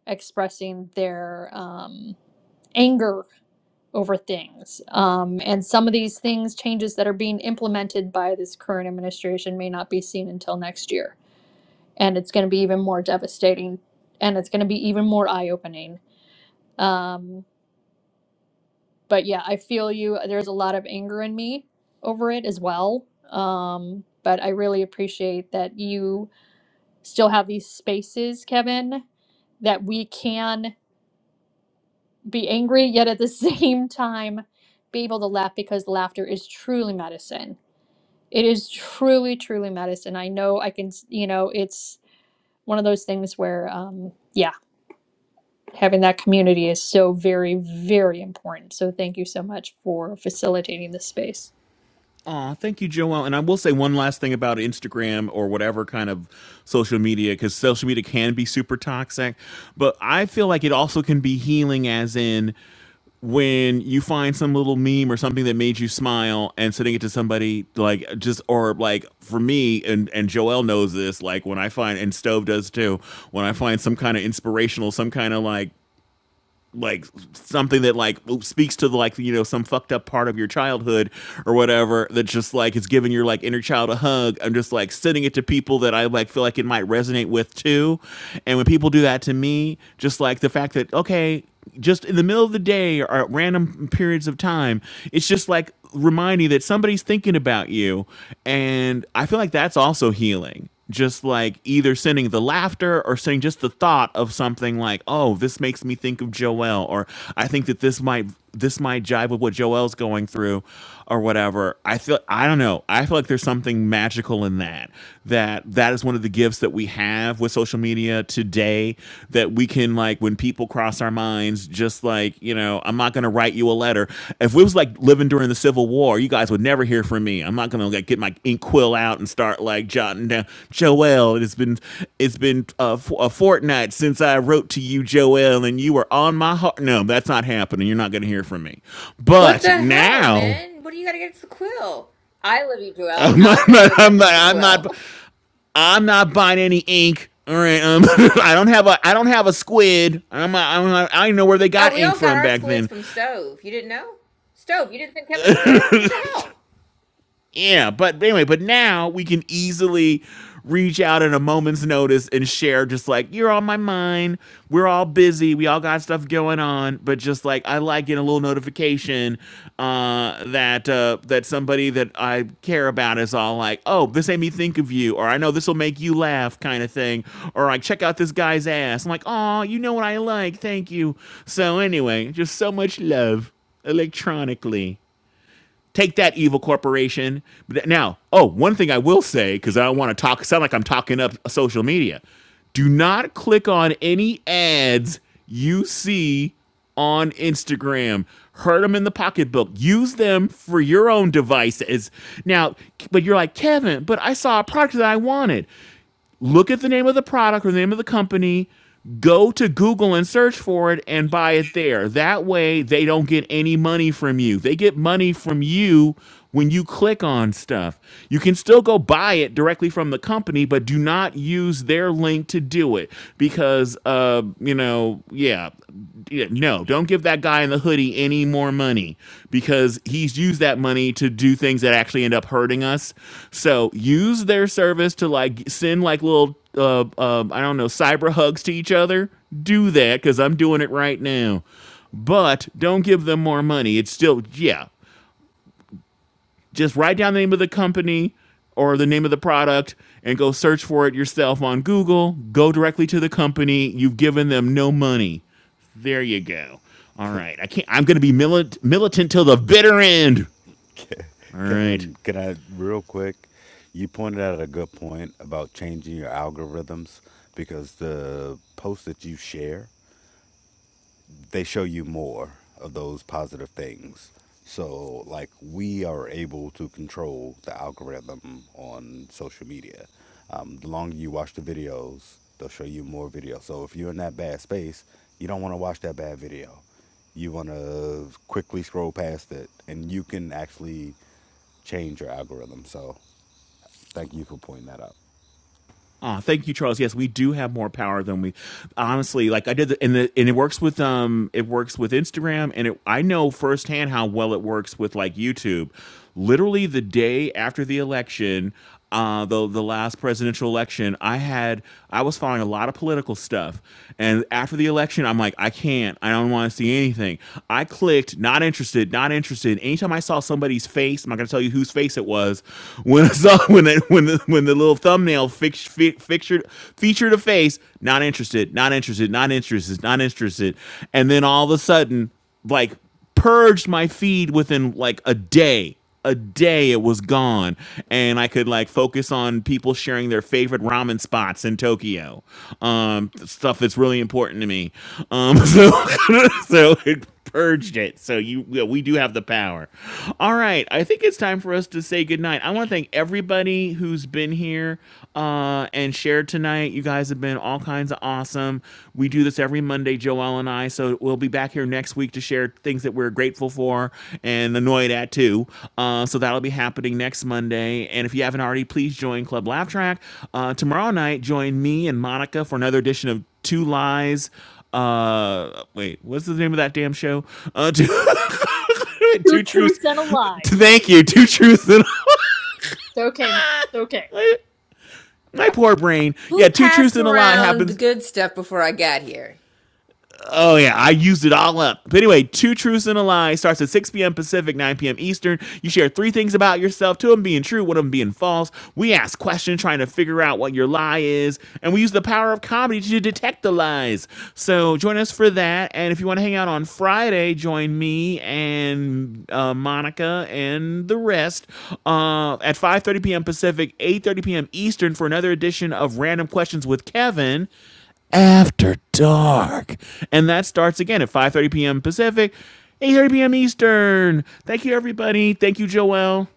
expressing their um, anger over things. Um, and some of these things, changes that are being implemented by this current administration, may not be seen until next year and it's going to be even more devastating and it's going to be even more eye opening. Um, but yeah, I feel you. There's a lot of anger in me over it as well. Um, but I really appreciate that you still have these spaces, Kevin, that we can be angry, yet at the [LAUGHS] same time be able to laugh because laughter is truly medicine. It is truly, truly medicine. I know I can, s- you know, it's one of those things where, um, yeah, having that community is so very, very important. So thank you so much for facilitating this space. Aw, thank you, Joelle. And I will say one last thing about Instagram or whatever kind of social media, because social media can be super toxic. But I feel like it also can be healing, as in when you find some little meme or something that made you smile and sending it to somebody like just or like for me and and Joel knows this like when I find and Stove does too when I find some kind of inspirational some kind of like like something that like speaks to like you know some fucked up part of your childhood or whatever that just like it's giving your like inner child a hug i'm just like sending it to people that i like feel like it might resonate with too and when people do that to me just like the fact that okay just in the middle of the day or at random periods of time it's just like reminding that somebody's thinking about you and i feel like that's also healing just like either sending the laughter or sending just the thought of something like, "Oh, this makes me think of Joelle," or "I think that this might this might jive with what Joelle's going through," or whatever. I feel I don't know. I feel like there's something magical in that. That that is one of the gifts that we have with social media today. That we can like when people cross our minds just like you know i'm not going to write you a letter if it was like living during the civil war you guys would never hear from me i'm not going to like get my ink quill out and start like jotting down joel it's been it's been a, f- a fortnight since i wrote to you joel and you were on my heart no that's not happening you're not going to hear from me What but the hell, now man? What do you got against the quill? I love you, [LAUGHS] Joel. I'm not, I'll send you a I'm message not, with a I'm quill. not, [LAUGHS] I'm not buying any ink. All right, um, [LAUGHS] I don't have a, I don't have a squid. I'm, a, I'm, a, I i do not know where they Oh, got we ink all got from our back squids then. from Stove. You didn't know? Stove, you didn't send Kevin a squid? What the hell? yeah, but anyway, but now we can easily reach out at a moment's notice and share just like you're on my mind. We're all busy. We all got stuff going on, but just like I like getting a little notification uh that uh that somebody that I care about is all like, "Oh, this made me think of you," or "I know this will make you laugh," kind of thing, or like, "Check out this guy's ass." I'm like, "Oh, you know what I like. Thank you." So anyway, just so much love electronically. Take that evil corporation. But now, oh, one thing I will say because I don't want to talk sound like I'm talking up social media. Do not click on any ads you see on Instagram. Hurt them in the pocketbook. Use them for your own devices. Now, but you're like, Kevin, but I saw a product that I wanted look at the name of the product or the name of the company, go to Google and search for it and buy it there. That way, they don't get any money from you. They get money from you when you click on stuff. You can still go buy it directly from the company, but do not use their link to do it because, uh, you know, yeah, yeah, yeah, no, don't give that guy in the hoodie any more money because he's used that money to do things that actually end up hurting us. So use their service to like send like little, uh, uh, I don't know, cyber hugs to each other. Do that because I'm doing it right now. But don't give them more money. It's still, yeah. Just write down the name of the company or the name of the product and go search for it yourself on Google. Go directly to the company. You've given them no money. There you go. All right. I can't. I'm going to be milit- militant till the bitter end. [LAUGHS] Ke- All right. Kevin, can I real quick? You pointed out a good point about changing your algorithms because the posts that you share they show you more of those positive things. So, like, we are able to control the algorithm on social media. Um, the longer you watch the videos, they'll show you more videos. So, if you're in that bad space, you don't want to watch that bad video. You want to quickly scroll past it, and you can actually change your algorithm. So, thank you for pointing that out. Ah, oh, thank you, Charles. Yes, we do have more power than we honestly like. I did, the, and the and it works with um, it works with Instagram, and it, I know firsthand how well it works with like YouTube. Literally, the day after the election, uh, the the last presidential election, I had I was following a lot of political stuff, and after the election, I'm like, I can't, I don't want to see anything. I clicked, not interested, not interested. Anytime I saw somebody's face, I'm not gonna tell you whose face it was [LAUGHS] when I saw when it, when the, when the little thumbnail fix, fi- fixtured, featured a face. Not interested. Not interested. Not interested. Not interested. And then all of a sudden, like purged my feed within like a day. A day it was gone, and I could like focus on people sharing their favorite ramen spots in Tokyo, um, stuff that's really important to me. Um, so, [LAUGHS] so it purged it. So you yeah, we do have the power. All right, I think it's time for us to say goodnight. I want to thank everybody who's been here uh, and shared tonight. You guys have been all kinds of awesome. We do this every Monday, Joel and I. So we'll be back here next week to share things that we're grateful for and annoyed at too. Uh, so that'll be happening next Monday. And if you haven't already, please join Club Laugh Track uh, tomorrow night. Join me and Monica for another edition of Two Lies uh wait what's the name of that damn show uh two, [LAUGHS] Two two truths truths and a lie. Yes. thank you two truths and Okay, ma'am. It's okay. [LAUGHS] my poor brain yeah Who two truths passed and a lie around the happens good stuff before I got here? Oh yeah, I used it all up. But anyway, two truths and a lie starts at 6 p.m. Pacific, 9 p.m. Eastern. You share three things about yourself, two of them being true, one of them being false. We ask questions trying to figure out what your lie is, and we use the power of comedy to detect the lies. So join us for that. And if you want to hang out on Friday, join me and uh, Monica and the rest uh, at 5:30 p.m. Pacific, 8:30 p.m. Eastern for another edition of Random Questions with Kevin. After Dark. And that starts again at 5.30 p.m. Pacific, 8.30 p.m. Eastern. Thank you, everybody. Thank you, Joelle.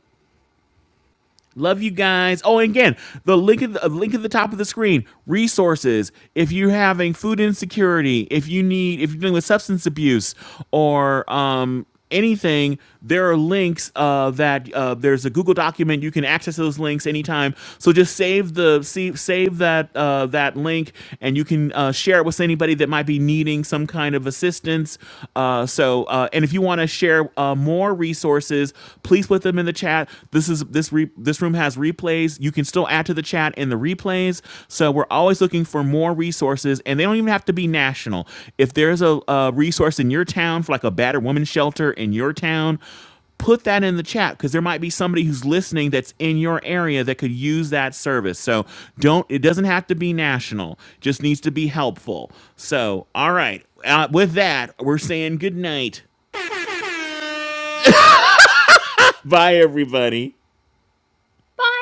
Love you guys. Oh, and again, the link at the uh, link at the top of the screen. Resources. If you're having food insecurity, if you need, if you're dealing with substance abuse or um, anything, there are links uh, that uh, there's a Google document. You can access those links anytime. So just save the save, save that uh, that link, and you can uh, share it with anybody that might be needing some kind of assistance. Uh, so, uh, and if you want to share uh, more resources Please put them in the chat. This is this re, this room has replays. You can still add to the chat in the replays. So we're always looking for more resources, and they don't even have to be national. If there's a, a resource in your town for like a battered woman shelter in your town, put that in the chat because there might be somebody who's listening that's in your area that could use that service. So don't it doesn't have to be national. Just needs to be helpful. So all right. Uh, with that, we're saying good night. Bye everybody. Bye.